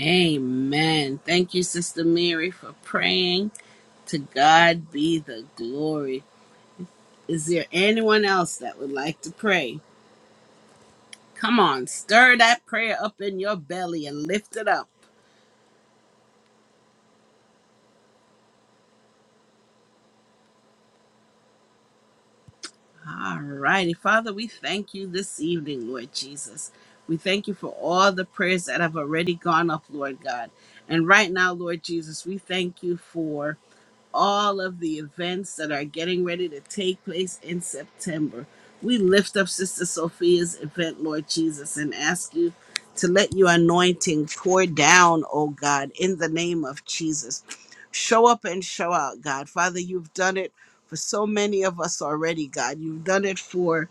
Speaker 1: Amen. Thank you, Sister Mary, for praying. To God be the glory. Is there anyone else that would like to pray? Come on, stir that prayer up in your belly and lift it up. All righty. Father, we thank you this evening, Lord Jesus. We thank you for all the prayers that have already gone up, Lord God. And right now, Lord Jesus, we thank you for. all of the events that are getting ready to take place in September. We lift up Sister Sophia's event, Lord Jesus, and ask you to let your anointing pour down, oh God, in the name of Jesus. Show up and show out, God. Father, you've done it for so many of us already, God. You've done it for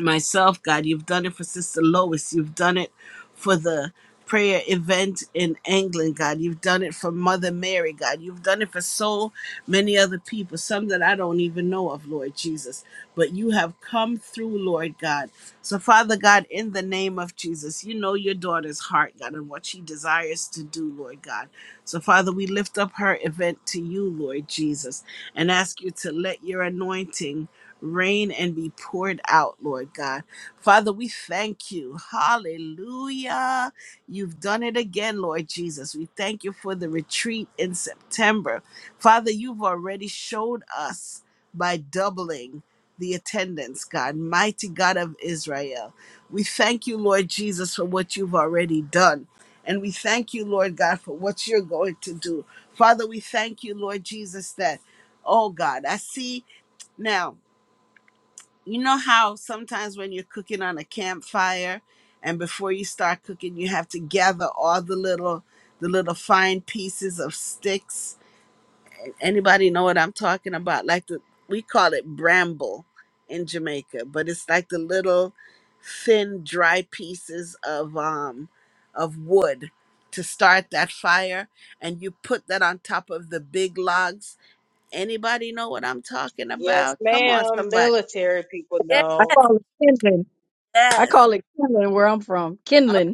Speaker 1: myself, God. You've done it for Sister Lois. You've done it for the prayer event in England, God. You've done it for Mother Mary, God. You've done it for so many other people, some that I don't even know of, Lord Jesus. But you have come through, Lord God. So, Father God, in the name of Jesus, you know your daughter's heart, God, and what she desires to do, Lord God. So, Father, we lift up her event to you, Lord Jesus, and ask you to let your anointing rain and be poured out, Lord God. Father, we thank you. Hallelujah. You've done it again, Lord Jesus. We thank you for the retreat in September. Father, you've already showed us by doubling the attendance, God, mighty God of Israel. We thank you, Lord Jesus, for what you've already done. And we thank you, Lord God, for what you're going to do. Father, we thank you, Lord Jesus, that, oh God, I see now you know how sometimes when you're cooking on a campfire and before you start cooking you have to gather all the little the little fine pieces of sticks anybody know what i'm talking about like the we call it bramble in jamaica but it's like the little thin dry pieces of um of wood to start that fire and you put that on top of the big logs anybody know what i'm talking
Speaker 6: Yes,
Speaker 1: about come on
Speaker 6: ma'am.
Speaker 1: somebody
Speaker 6: Military people
Speaker 8: I
Speaker 6: know.
Speaker 8: call it kindling.
Speaker 1: yes
Speaker 8: I call it kindling where I'm from. Kindling.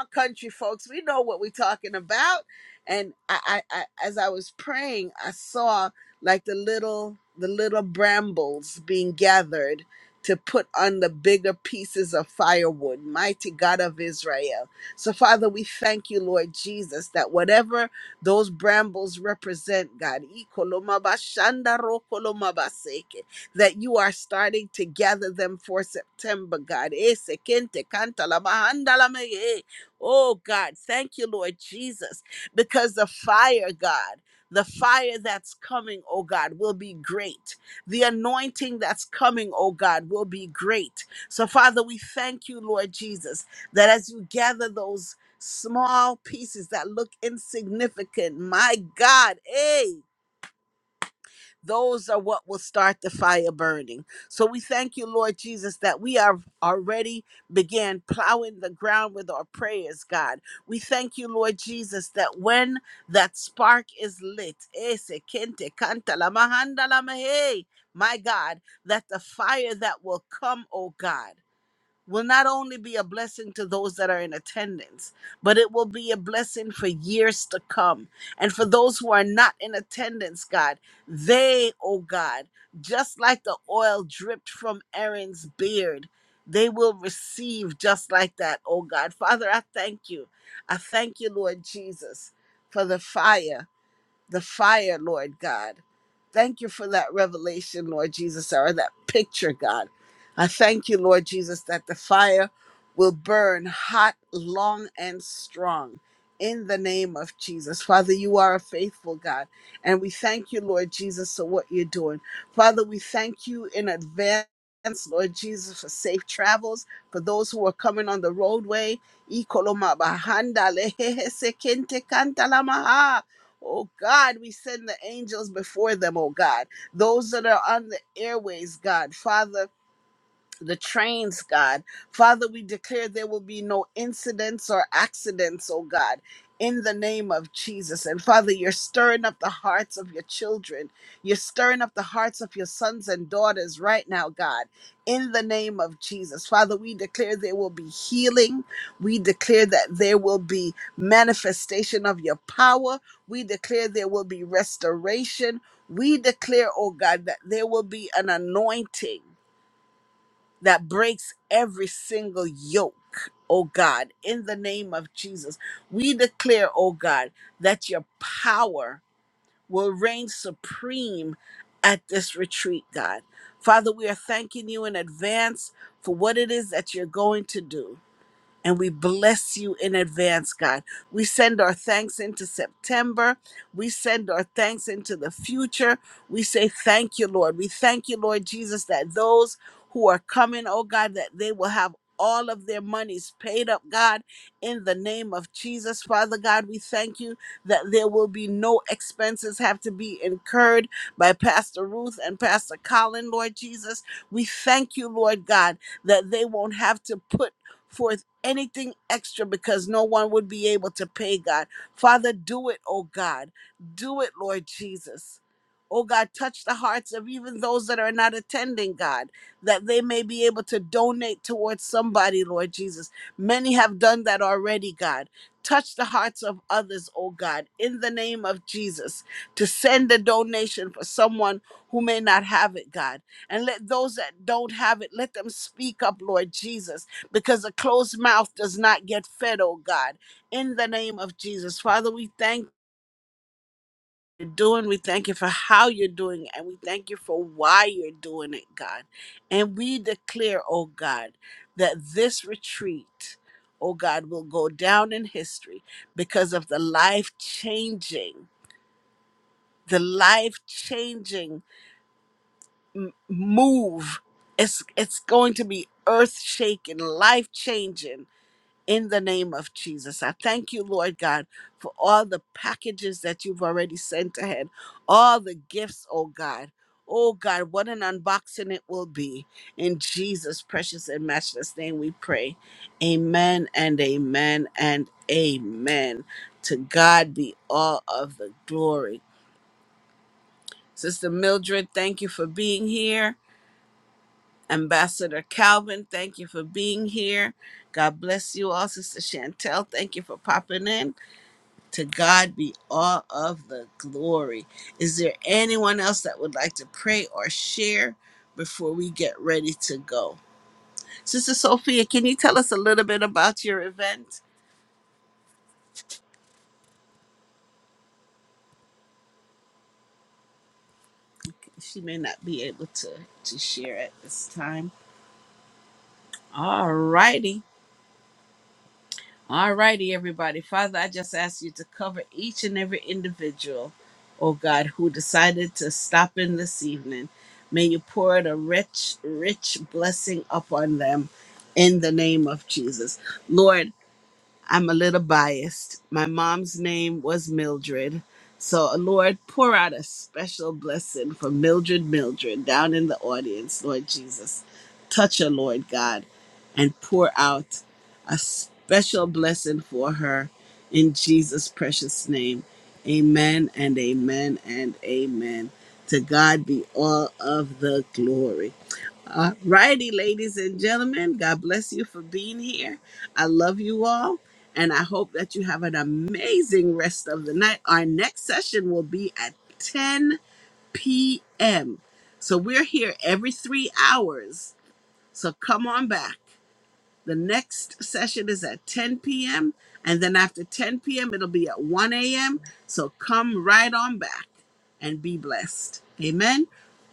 Speaker 1: on, country folks, we know what we're talking about. And I, I, I as I was praying, I saw like the little the little brambles being gathered to put on the bigger pieces of firewood. Mighty God of Israel. So Father, we thank you, Lord Jesus, that whatever those brambles represent, God, ikolomabashandarokolomabaseke, that you are starting to gather them for September, God. Ese kente Oh, God, thank you, Lord Jesus, because the fire, God, the fire that's coming, oh God, will be great. The anointing that's coming, oh God, will be great. So, Father, we thank you, Lord Jesus, that as you gather those small pieces that look insignificant, my God, eh? Those are what will start the fire burning. So we thank you, Lord Jesus, that we are already began plowing the ground with our prayers, God. We thank you, Lord Jesus, that when that spark is lit, ese kente kanta la mahanda la mahe, my God, that the fire that will come, oh God will not only be a blessing to those that are in attendance, but it will be a blessing for years to come. And for those who are not in attendance, God, they, oh God, just like the oil dripped from Aaron's beard, they will receive just like that, oh God. Father, I thank you. I thank you, Lord Jesus, for the fire the fire, Lord God. Thank you for that revelation, Lord Jesus, or that picture, God. I thank you, Lord Jesus, that the fire will burn hot, long, and strong in the name of Jesus. Father, you are a faithful God, and we thank you, Lord Jesus, for what you're doing. Father, we thank you in advance. Lord Jesus, for safe travels for those who are coming on the roadway. Ikoloma bahanda lehehese kente kanta lamaha. Oh God, we send the angels before them, oh God. Those that are on the airways, God, Father the trains, God. Father, we declare there will be no incidents or accidents, oh God, in the name of Jesus. And Father, you're stirring up the hearts of your children. You're stirring up the hearts of your sons and daughters right now, God, in the name of Jesus. Father, we declare there will be healing. We declare that there will be manifestation of your power. We declare there will be restoration. We declare, oh God, that there will be an anointing that breaks every single yoke, oh God, in the name of Jesus. We declare, oh God, that your power will reign supreme at this retreat, God. Father, we are thanking you in advance for what it is that you're going to do. And we bless you in advance, God. We send our thanks into September. We send our thanks into the future. We say thank you, Lord. We thank you, Lord Jesus, that those who are coming, oh God, that they will have all of their monies paid up, God, in the name of Jesus. Father God, we thank you that there will be no expenses have to be incurred by Pastor Ruth and Pastor Colin, Lord Jesus. We thank you, Lord God, that they won't have to put forth anything extra because no one would be able to pay, God. Father, do it, oh God. Do it, Lord Jesus. Oh God, touch the hearts of even those that are not attending, God, that they may be able to donate towards somebody, Lord Jesus. Many have done that already, God. Touch the hearts of others, oh God, in the name of Jesus, to send a donation for someone who may not have it, God. And let those that don't have it, let them speak up, Lord Jesus because a closed mouth does not get fed, oh God. In the name of Jesus, Father, we thank you for doing, we thank you for how you're doing, it, and we thank you for why you're doing it, God. And we declare, oh God, that this retreat, oh God, will go down in history because of the life changing, the life changing move. It's, it's going to be earth shaking, life changing in the name of Jesus. I thank you, Lord God, for all the packages that you've already sent ahead, all the gifts, oh God. Oh God, what an unboxing it will be. In Jesus' precious and matchless name we pray. Amen and amen and amen. To God be all of the glory. Sister Mildred, thank you for being here. Ambassador Calvin, thank you for being here. God bless you all, Sister Chantel. Thank you for popping in. To God be all of the glory. Is there anyone else that would like to pray or share before we get ready to go? Sister Sophia, can you tell us a little bit about your event? She may not be able to, to share at this time. All righty. All righty, everybody. Father, I just ask you to cover each and every individual, oh God, who decided to stop in this evening. May you pour out a rich, rich blessing upon them in the name of Jesus. Lord, I'm a little biased. My mom's name was Mildred. So, uh, Lord, pour out a special blessing for Mildred Mildred down in the audience, Lord Jesus. Touch her, Lord God, and pour out a special blessing for her in Jesus' precious name. Amen and amen and amen. To God be all of the glory. All righty, ladies and gentlemen, God bless you for being here. I love you all, and I hope that you have an amazing rest of the night. Our next session will be at 10 p.m. So we're here every three hours. So come on back. The next session is at 10 p.m. And then after 10 p.m., it'll be at 1 a.m. So come right on back and be blessed. Amen.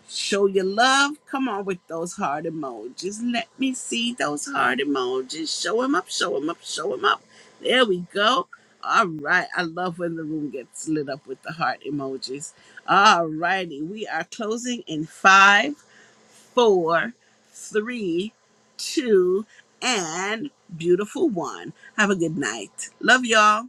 Speaker 1: Show your love. Come on with those heart emojis. Let me see those heart emojis. Show them up, show them up, show them up. There we go. All right. I love when the room gets lit up with the heart emojis. All righty. We are closing in five four, three, two, and beautiful one. Have a good night. Love y'all.